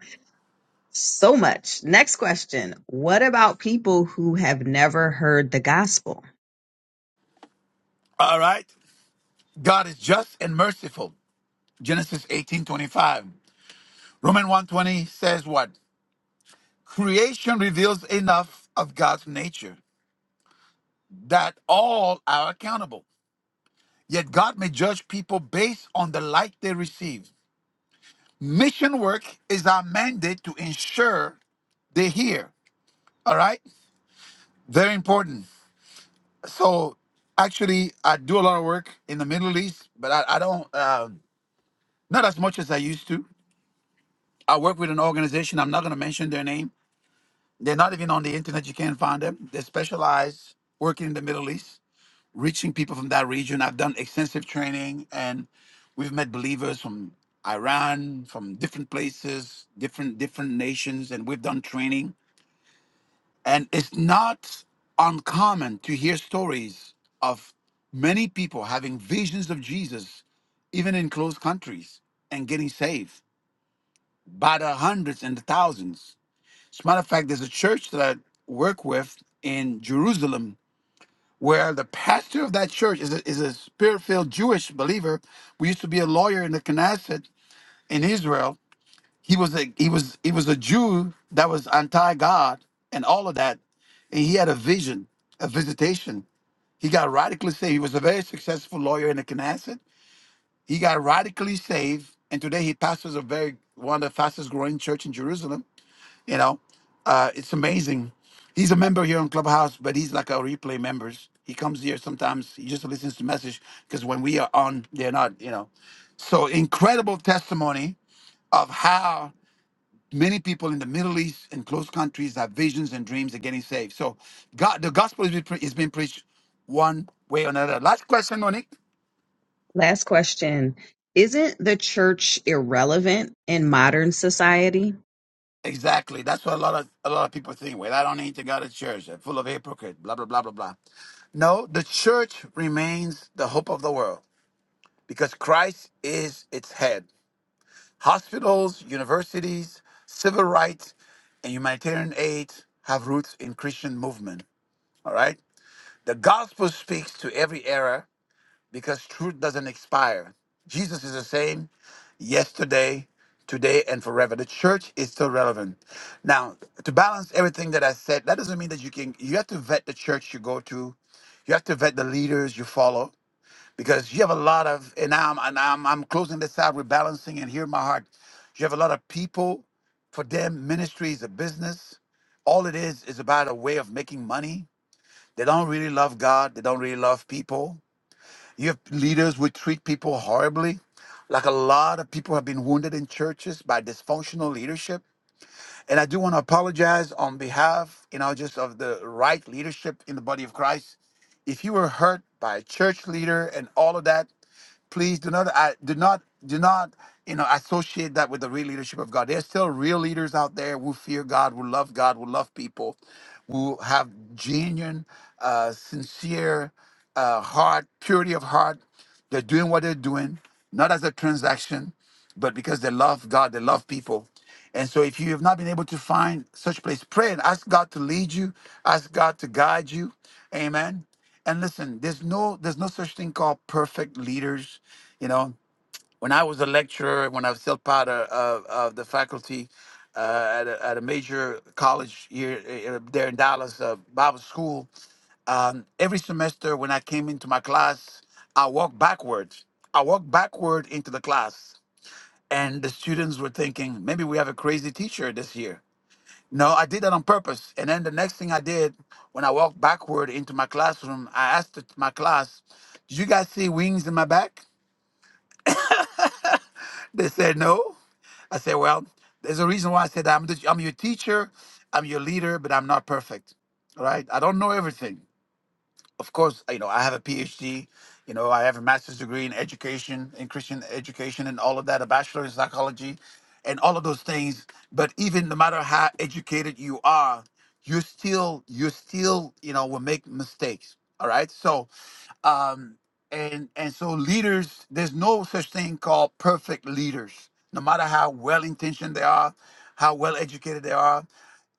So much. Next question. What about people who have never heard the gospel? all right god is just and merciful genesis eighteen twenty-five. Roman 120 says what? Creation reveals enough of God's nature that all are accountable. Yet God may judge people based on the light they receive. Mission work is our mandate to ensure they hear. All right? Very important. So actually I do a lot of work in the Middle East, but I, I don't um not as much as I used to. I work with an organization. I'm not going to mention their name. They're not even on the internet. You can't find them. They specialize working in the Middle East. reaching people from that region. I've done extensive training and we've met believers from Iran, from different places, different different nations, and we've done training. And it's not uncommon to hear stories of many people having visions of Jesus, even in closed countries, and getting saved by the hundreds and the thousands. As a matter of fact, there's a church that I work with in Jerusalem where the pastor of that church is a, is a spirit filled Jewish believer. We used to be a lawyer in the Knesset in Israel. He was a he was he was a Jew that was anti God and all of that, and he had a vision, a visitation. He got radically saved. He was a very successful lawyer in the Knesset. He got radically saved, and today he pastors a very one of the fastest growing church in Jerusalem you know, uh, it's amazing. He's a member here on Clubhouse, but he's like our replay members. He comes here sometimes. He just listens to message because when we are on, they're not. You know, so incredible testimony of how many people in the Middle East and close countries have visions and dreams of getting saved. So, God, the gospel is being pre- is being preached one way or another. Last question, Monique. Last question. Isn't the church irrelevant in modern society? Exactly. That's what a lot of a lot of people think. Well, I don't need to go to church. They're full of hypocrites. Blah blah blah blah blah. No, the church remains the hope of the world because Christ is its head. Hospitals, universities, civil rights, and humanitarian aid have roots in Christian movement. All right. The gospel speaks to every era because truth doesn't expire. Jesus is the same yesterday, today, and forever. The church is still relevant. Now, to balance everything that I said, that doesn't mean that you can, you have to vet the church you go to, you have to vet the leaders you follow, because you have a lot of, and now I'm, and I'm, I'm closing this out, with balancing, and hear my heart. You have a lot of people, for them, ministry is a business. All it is is about a way of making money. They don't really love God, they don't really love people you have leaders who treat people horribly. Like a lot of people have been wounded in churches by dysfunctional leadership. And I do want to apologize on behalf, you know, just of the right leadership in the body of Christ. If you were hurt by a church leader and all of that, please do not I do not do not you know associate that with the real leadership of God. There's still real leaders out there who fear God, who love God, who love people, who have genuine, uh, sincere uh, heart, purity of heart. They're doing what they're doing, not as a transaction but because they love God, they love people. And so if you have not been able to find such place, pray and ask God to lead you, ask God to guide you. Amen. And listen, there's no there's no such thing called perfect leaders. You know, when I was a lecturer, when I was still part of, of, of the faculty uh, at, a, at a major college here uh, there in Dallas, uh, Bible school, um, every semester when I came into my class, I walked backwards. I walked backward into the class and the students were thinking maybe we have a crazy teacher this year no i did that on purpose and then the next thing i did when i walked backward into my classroom i asked the- my class did you guys see wings in my back they said no i said well there's a reason why i said that. i'm, the, I'm your teacher i'm your leader but i'm not perfect all right i don't know everything of course, you know, I have a PhD, you know, I have a master's degree in education, in Christian education, and all of that, a bachelor in psychology, and all of those things. But even no matter how educated you are, you still, you still, you know, will make mistakes. All right. So, um, and and so leaders, there's no such thing called perfect leaders. No matter how well intentioned they are, how well educated they are,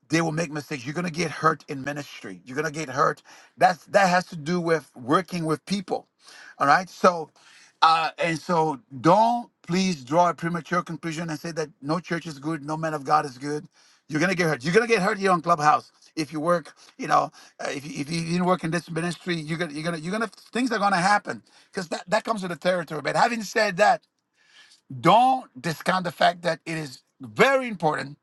they will make mistakes. You're gonna get hurt in ministry. You're gonna get hurt. That's that has to do with working with people. All right. So uh and so don't please draw a premature conclusion and say that no church is good, no man of God is good. You're gonna get hurt. You're gonna get hurt here on Clubhouse if you work. You know, uh, if you, if you didn't work in this ministry, you're gonna you're gonna you're gonna things are gonna happen because that that comes with the territory. But having said that, don't discount the fact that it is very important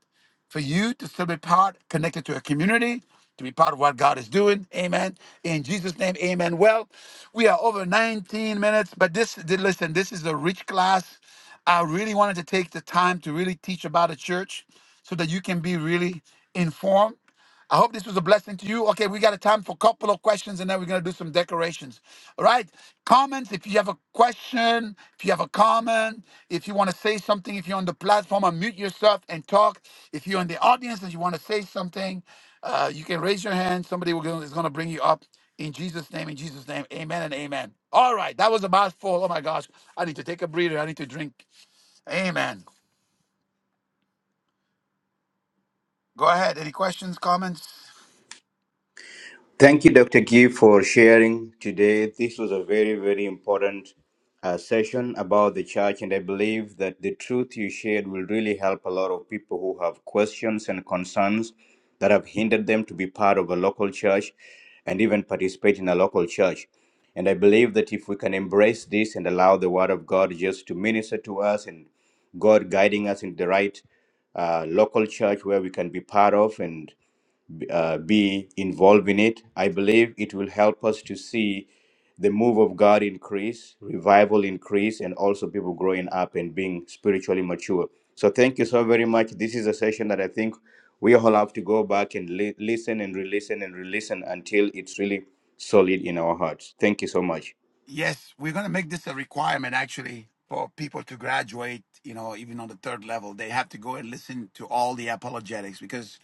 for you to still be part, connected to a community, to be part of what God is doing. Amen. In Jesus' name, amen. Well, we are over 19 minutes, but this, th- listen, this is a rich class. I really wanted to take the time to really teach about the church so that you can be really informed. I hope this was a blessing to you. Okay, we got a time for a couple of questions and then we're going to do some decorations. All right. Comments if you have a question, if you have a comment, if you want to say something, if you're on the platform, unmute yourself and talk. If you're in the audience and you want to say something, uh, you can raise your hand. Somebody will go- is going to bring you up in Jesus' name, in Jesus' name. Amen and amen. All right. That was a mouthful. Oh my gosh. I need to take a breather. I need to drink. Amen. Go ahead. Any questions, comments? Thank you, Dr. Gee, for sharing today. This was a very, very important uh, session about the church, and I believe that the truth you shared will really help a lot of people who have questions and concerns that have hindered them to be part of a local church and even participate in a local church. And I believe that if we can embrace this and allow the Word of God just to minister to us and God guiding us in the right uh, local church where we can be part of. And uh, be involved in it. I believe it will help us to see the move of God increase, revival increase, and also people growing up and being spiritually mature. So, thank you so very much. This is a session that I think we all have to go back and li- listen and re listen and re listen until it's really solid in our hearts. Thank you so much. Yes, we're going to make this a requirement actually for people to graduate, you know, even on the third level. They have to go and listen to all the apologetics because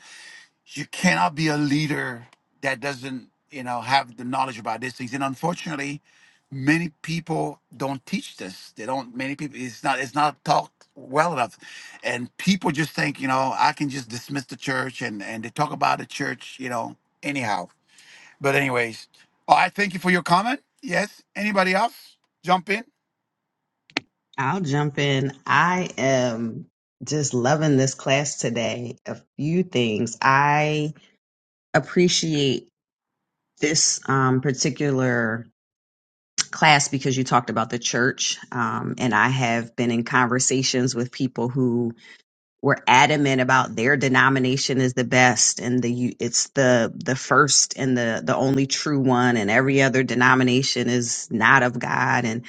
you cannot be a leader that doesn't, you know, have the knowledge about these things. And unfortunately, many people don't teach this. They don't many people it's not it's not taught well enough. And people just think, you know, I can just dismiss the church and and they talk about the church, you know, anyhow. But anyways, oh, I thank you for your comment. Yes. Anybody else? Jump in. I'll jump in. I am just loving this class today. A few things. I appreciate this um, particular class because you talked about the church. Um, and I have been in conversations with people who were adamant about their denomination is the best and the u- it's the the first and the the only true one and every other denomination is not of God and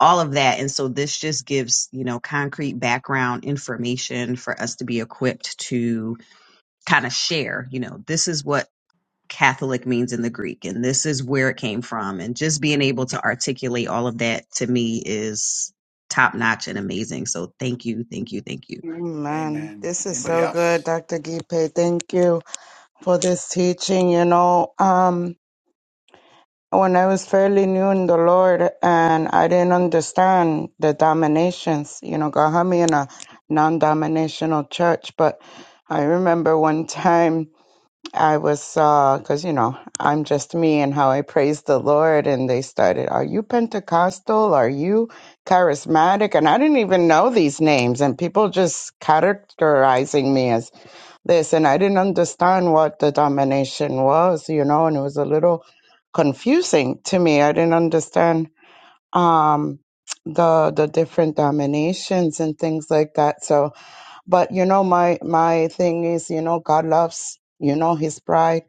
all of that and so this just gives you know concrete background information for us to be equipped to kind of share you know this is what Catholic means in the Greek, and this is where it came from. And just being able to articulate all of that to me is top notch and amazing. So thank you, thank you, thank you. Amen. Amen. This is Anybody so good, else? Dr. Gipe. Thank you for this teaching. You know, um, when I was fairly new in the Lord and I didn't understand the dominations, you know, God had me in a non dominational church. But I remember one time I was, uh, cause you know, I'm just me and how I praise the Lord. And they started, are you Pentecostal? Are you charismatic? And I didn't even know these names and people just characterizing me as this. And I didn't understand what the domination was, you know, and it was a little confusing to me. I didn't understand, um, the, the different dominations and things like that. So, but you know my my thing is you know god loves you know his bride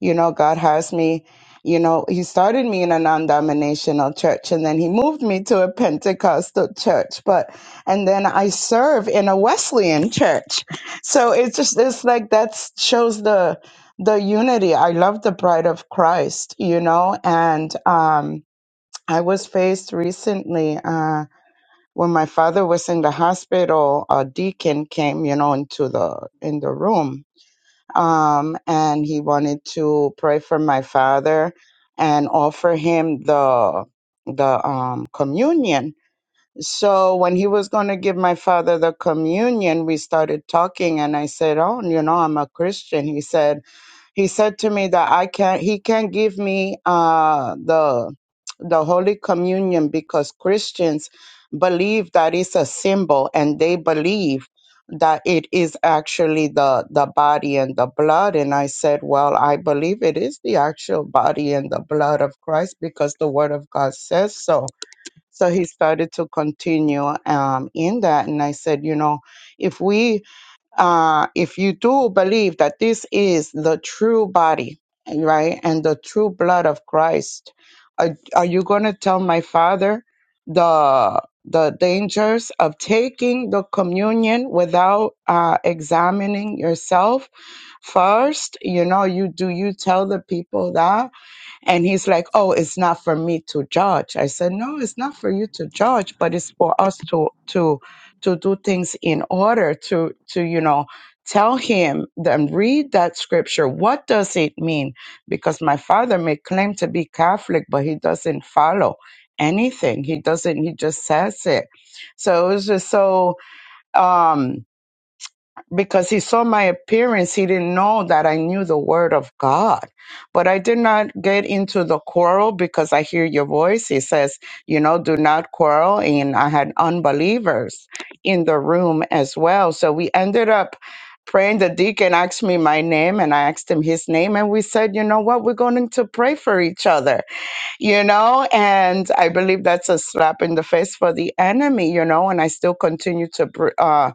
you know god has me you know he started me in a non-denominational church and then he moved me to a pentecostal church but and then i serve in a wesleyan church so it's just it's like that shows the the unity i love the bride of christ you know and um i was faced recently uh, when my father was in the hospital, a deacon came, you know, into the in the room, um, and he wanted to pray for my father and offer him the the um, communion. So when he was going to give my father the communion, we started talking, and I said, "Oh, you know, I'm a Christian." He said he said to me that I can't he can't give me uh the the Holy Communion because Christians believe that it's a symbol and they believe that it is actually the the body and the blood and I said well I believe it is the actual body and the blood of Christ because the word of God says so so he started to continue um in that and I said you know if we uh, if you do believe that this is the true body, right, and the true blood of Christ, are, are you going to tell my father the the dangers of taking the communion without uh, examining yourself first? You know, you do you tell the people that? And he's like, "Oh, it's not for me to judge." I said, "No, it's not for you to judge, but it's for us to to to do things in order to to you know tell him then read that scripture. What does it mean? Because my father may claim to be Catholic, but he doesn't follow anything. He doesn't. He just says it. So it was just so. um because he saw my appearance, he didn't know that I knew the word of God. But I did not get into the quarrel because I hear your voice. He says, you know, do not quarrel. And I had unbelievers in the room as well. So we ended up praying. The deacon asked me my name and I asked him his name. And we said, you know what? We're going to pray for each other you know, and I believe that's a slap in the face for the enemy, you know, and I still continue to, br- uh,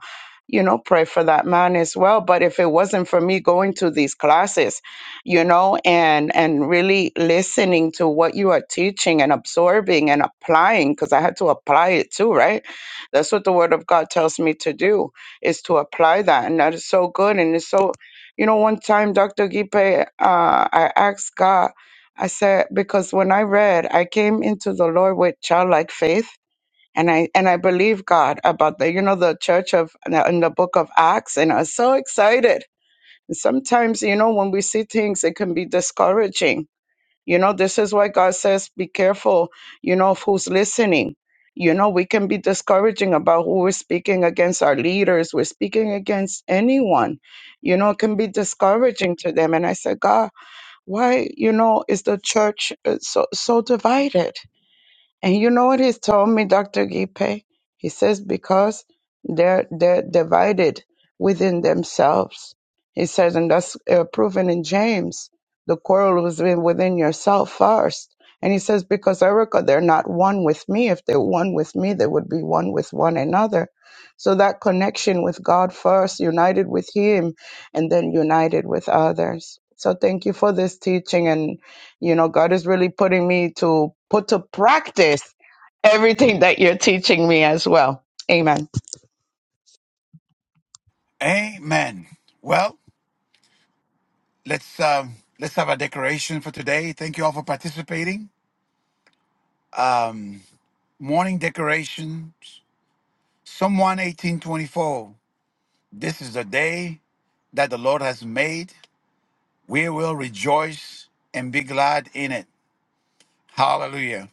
you know, pray for that man as well. But if it wasn't for me going to these classes, you know, and and really listening to what you are teaching and absorbing and applying, because I had to apply it too, right? That's what the Word of God tells me to do is to apply that, and that is so good, and it's so, you know, one time Dr. Gipe, uh, I asked God. I said, because when I read, I came into the Lord with childlike faith. And I and I believe God about the you know the church of in the book of Acts and I was so excited. And sometimes you know when we see things it can be discouraging. You know this is why God says be careful. You know of who's listening. You know we can be discouraging about who we're speaking against our leaders. We're speaking against anyone. You know it can be discouraging to them. And I said God why, you know, is the church uh, so so divided? And you know what he's told me, Dr. Gipe? He says because they're they're divided within themselves. He says, and that's uh, proven in James. The quarrel was in- within yourself first. And he says, because Erica, they're not one with me. If they're one with me, they would be one with one another. So that connection with God first, united with Him, and then united with others. So thank you for this teaching and. You know, God is really putting me to put to practice everything that you're teaching me as well. Amen. Amen. Well, let's um, let's have a decoration for today. Thank you all for participating. Um, morning decoration. Psalm one eighteen twenty four. This is the day that the Lord has made. We will rejoice and be glad in it. Hallelujah.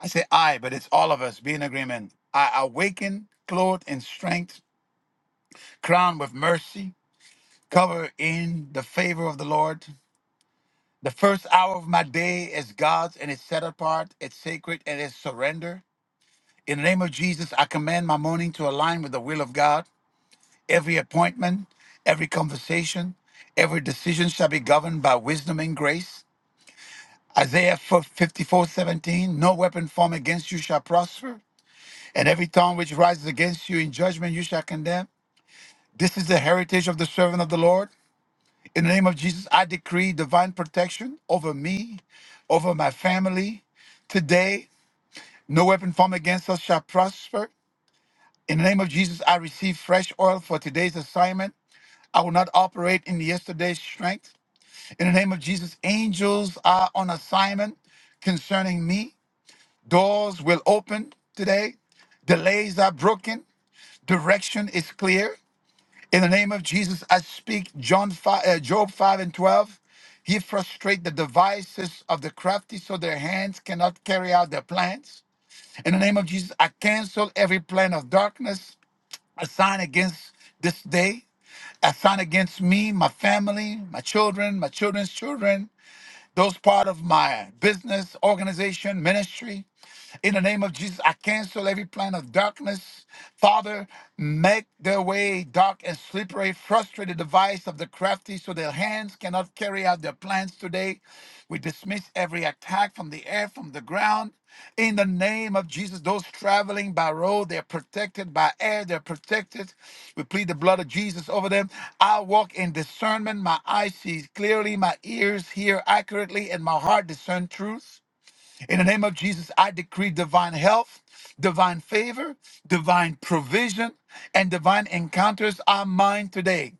I say I, but it's all of us. Be in agreement. I awaken, clothed in strength, crowned with mercy, covered in the favor of the Lord. The first hour of my day is God's and it's set apart, it's sacred, and it's surrender. In the name of Jesus, I command my morning to align with the will of God. Every appointment, every conversation, every decision shall be governed by wisdom and grace. Isaiah 54:17. no weapon formed against you shall prosper, and every tongue which rises against you in judgment you shall condemn. This is the heritage of the servant of the Lord. In the name of Jesus, I decree divine protection over me, over my family. Today, no weapon formed against us shall prosper. In the name of Jesus, I receive fresh oil for today's assignment. I will not operate in yesterday's strength. In the name of Jesus, angels are on assignment concerning me. Doors will open today. Delays are broken. Direction is clear. In the name of Jesus, I speak John 5, uh, Job 5 and 12. He frustrate the devices of the crafty so their hands cannot carry out their plans. In the name of Jesus, I cancel every plan of darkness, a sign against this day, a sign against me, my family, my children, my children's children, those part of my business, organization, ministry. In the name of Jesus, I cancel every plan of darkness. Father, make their way dark and slippery, frustrate the device of the crafty so their hands cannot carry out their plans today. We dismiss every attack from the air, from the ground. In the name of Jesus, those traveling by road, they're protected. By air, they're protected. We plead the blood of Jesus over them. I walk in discernment. My eyes see clearly, my ears hear accurately, and my heart discern truth. In the name of Jesus, I decree divine health, divine favor, divine provision, and divine encounters are mine today.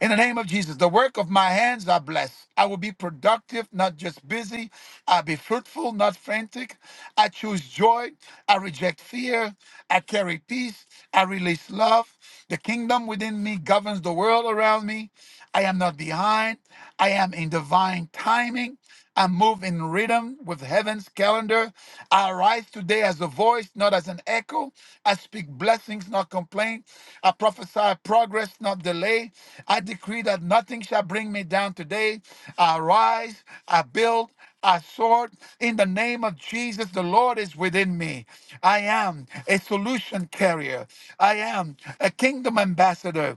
In the name of Jesus, the work of my hands are blessed. I will be productive, not just busy. I'll be fruitful, not frantic. I choose joy. I reject fear. I carry peace. I release love. The kingdom within me governs the world around me. I am not behind. I am in divine timing. I move in rhythm with heaven's calendar. I arise today as a voice, not as an echo. I speak blessings, not complaint. I prophesy progress, not delay. I decree that nothing shall bring me down today. I rise, I build, I saw it in the name of Jesus. The Lord is within me. I am a solution carrier. I am a kingdom ambassador.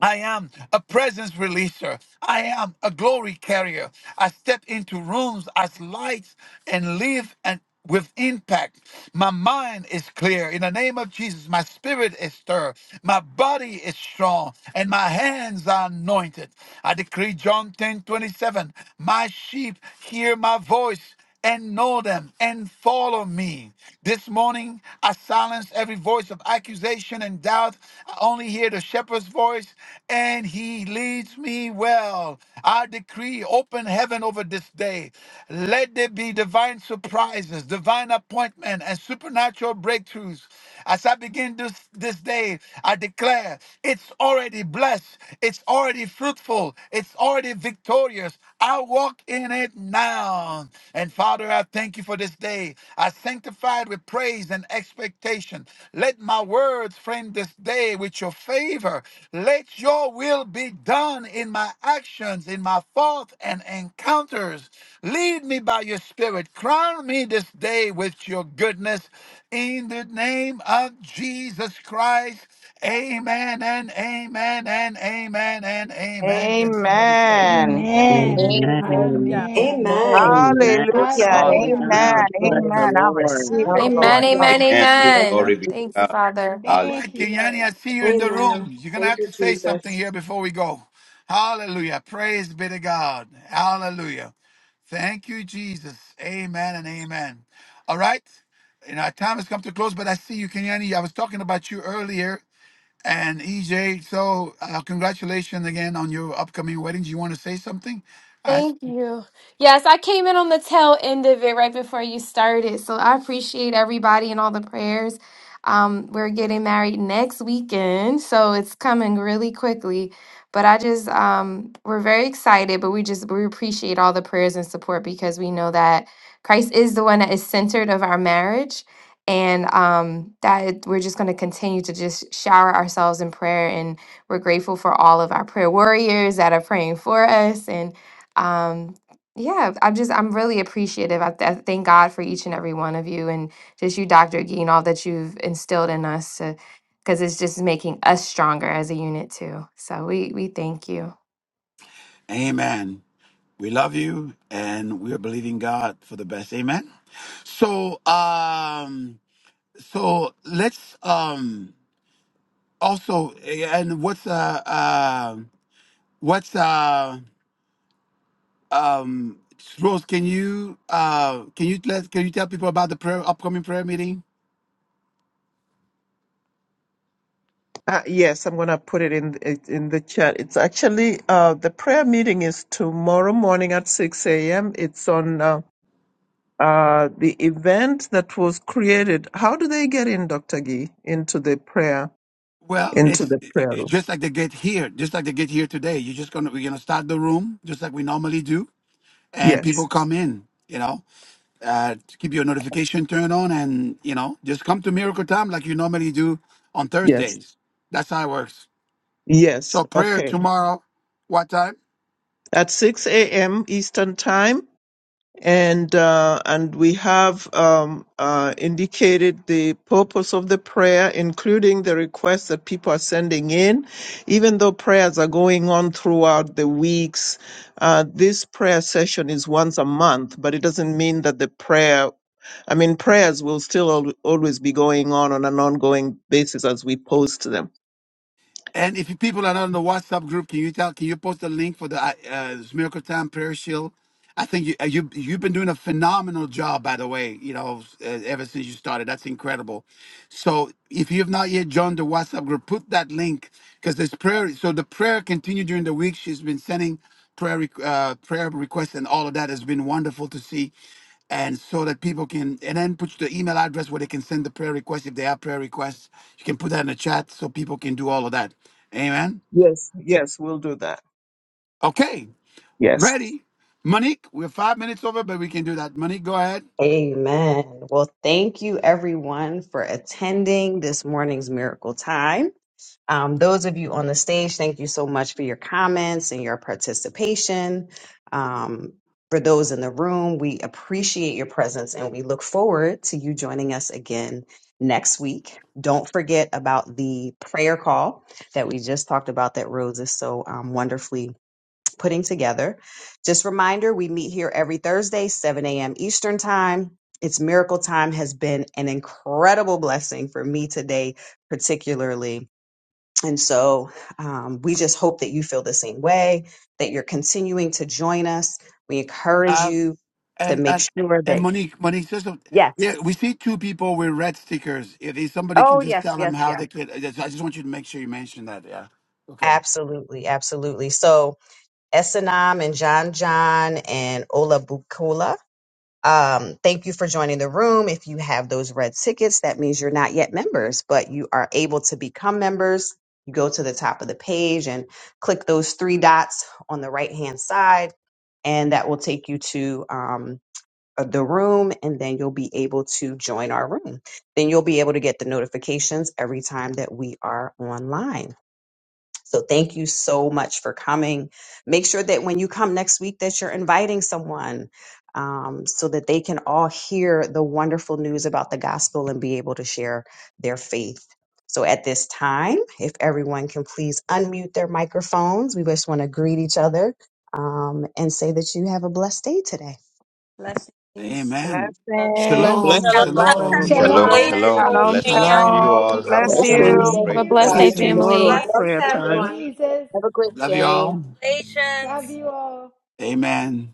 I am a presence releaser. I am a glory carrier. I step into rooms as lights and live and with impact. My mind is clear. In the name of Jesus, my spirit is stirred. My body is strong and my hands are anointed. I decree John 10 27. My sheep hear my voice and know them and follow me. This morning, I silence every voice of accusation and doubt. I only hear the shepherd's voice and he leads leads me well. I decree open heaven over this day. Let there be divine surprises, divine appointment, and supernatural breakthroughs. As I begin this, this day, I declare it's already blessed, it's already fruitful, it's already victorious. I walk in it now. And Father, I thank you for this day. I sanctify it with praise praise and expectation. Let my words frame this day with your favor. Let your will be done in my actions, in my thoughts and encounters. Lead me by your spirit. Crown me this day with your goodness. In the name of Jesus Christ, amen and amen and amen and amen. Can somebody say amen? Amen. Amen. Amen. Amen. Amen. Amen. Yeah. Amen. Amen. Amen. And Amen. this Hallelujah. so in Hallelujah. Amen. Jesus' Awesome. Bless name. the Amen. I Lord. receive it, Amen, Lord. Amen. amen, Hallelujah. Amen. Thank Glory amen. be The to Thank you, God. Father. All Hallelujah. right, Thank you, Kenyani, I Lord. see you in the Amen. room. You're going to Thank have you, to say something Jesus. here before we go. Hallelujah. Praise be to God. Hallelujah. Thank you, Jesus. Amen and amen. All right. You know, our time has come to close, but I see you, Kenyani. I was talking about you earlier and EJ. So, uh, congratulations again on your upcoming wedding. Do you want to say something? I- Thank you. Yes, I came in on the tail end of it right before you started. So I appreciate everybody and all the prayers. Um, we're getting married next weekend, so it's coming really quickly. But I just um we're very excited, but we just we appreciate all the prayers and support because we know that Christ is the one that is centered of our marriage. And um that it- we're just gonna continue to just shower ourselves in prayer and we're grateful for all of our prayer warriors that are praying for us and um yeah i'm just i'm really appreciative I, th- I thank god for each and every one of you and just you dr gee and all that you've instilled in us because it's just making us stronger as a unit too so we we thank you amen. We love you and we are believing God for the best. Amen. So, um, So let's um also eh, and what's uh uh what's uh um Rose can you uh can you let can you tell people about the prayer upcoming prayer meeting? Uh, yes, I'm going to put it in it- in the chat. It's actually uh, the prayer meeting is tomorrow morning at 6 a.m. It's on uh, uh, the event that was created. How do they get in, Dr. Gee, into the prayer Well, into it's the eh, prayer eh, room? just like they get here, just like they get here today. You're just gonna we're gonna start the room just like we normally do, and people Yes, come in. You know, uh, keep your notification turned on, and you know, just come to Miracle Time like you normally do on yes, Thursdays. That's how it works. So yes. prayer Okay, tomorrow, what time? at 6 a.m. Eastern time. and uh, and we have um, uh, indicated the purpose of the prayer, including the requests that people are sending in. Even though prayers are going on throughout the weeks, uh, this prayer session is once a month, but it doesn't mean that the prayer. I mean, prayers will still al- always be going on on an ongoing basis as we post them. And if you people are not in the WhatsApp group, can you tell? Can you post a link for the uh, uh, Miracle Time Prayer Shield? I think you, uh, you you've been doing a phenomenal job, by the way. You know, uh, ever since you started, that's incredible. So if you have not yet joined the WhatsApp group, put that link because there's prayer. So the prayer continued during the week. She's been sending prayer requ- uh, prayer requests and all of that has been wonderful to see. and so that people can and then put the email address where they can send the prayer request if they have prayer requests you can put that in the chat so people can do all of that amen Yes, yes, we'll do that. okay Yes. ready monique we're five minutes over but we can do that monique go ahead Amen. Well, thank you everyone for attending this morning's miracle time. Um, those of you on the stage, thank you so much for your comments and your participation. Um, for those in the room, we appreciate your presence and we look forward to you joining us again next week. Don't forget about the prayer call that we just talked about that Rose is so um, wonderfully putting together. Just reminder, we meet here every Thursday, 7 a.m. Eastern time. It's miracle time has been an incredible blessing for me today, particularly. And so um, we just hope that you feel the same way, that you're continuing to join us. We encourage uh, you to and make and sure and that, monique monique says so- yes. yeah we see two people with red stickers if if somebody can Oh, just yes, tell them yes, how yes. they could i just I just want you to make sure you mention that yeah okay Absolutely, absolutely. So, Esanam and John John and Ola Um, thank you for joining the room. If you have those red tickets, that means you're not yet members, but you are able to become members. You go to the top of the page and click those three dots on the right hand side, and that will take you to um, uh, the room, and then you'll be able to join our room. Then you'll be able to get the notifications every time that we are online. So thank you so much for coming. Make sure that when you come next week that you're inviting someone um, so that they can all hear the wonderful news about the gospel and be able to share their faith. So at this time, if everyone can please unmute their microphones, we just want to greet each other um, and say that you have a blessed day today. Blessings. amen Blessings. shalom blessings of the Blessings, Lord. The shalom everyone. Shalom, Lord, Shalom. the Everyone, shalom. Lord, Shalom, the have Blessings to shalom you shalom. Lord, all. Blessings. Have and a the Bless Lord, you. wonderful, the Blessings. Thank Lord, shalom great, See blessed you. day. you a blessings tomorrow at blessed prayer Saturday. Thank you, time. Jesus. everybody. Love you Amen. all. Love you all. Amen.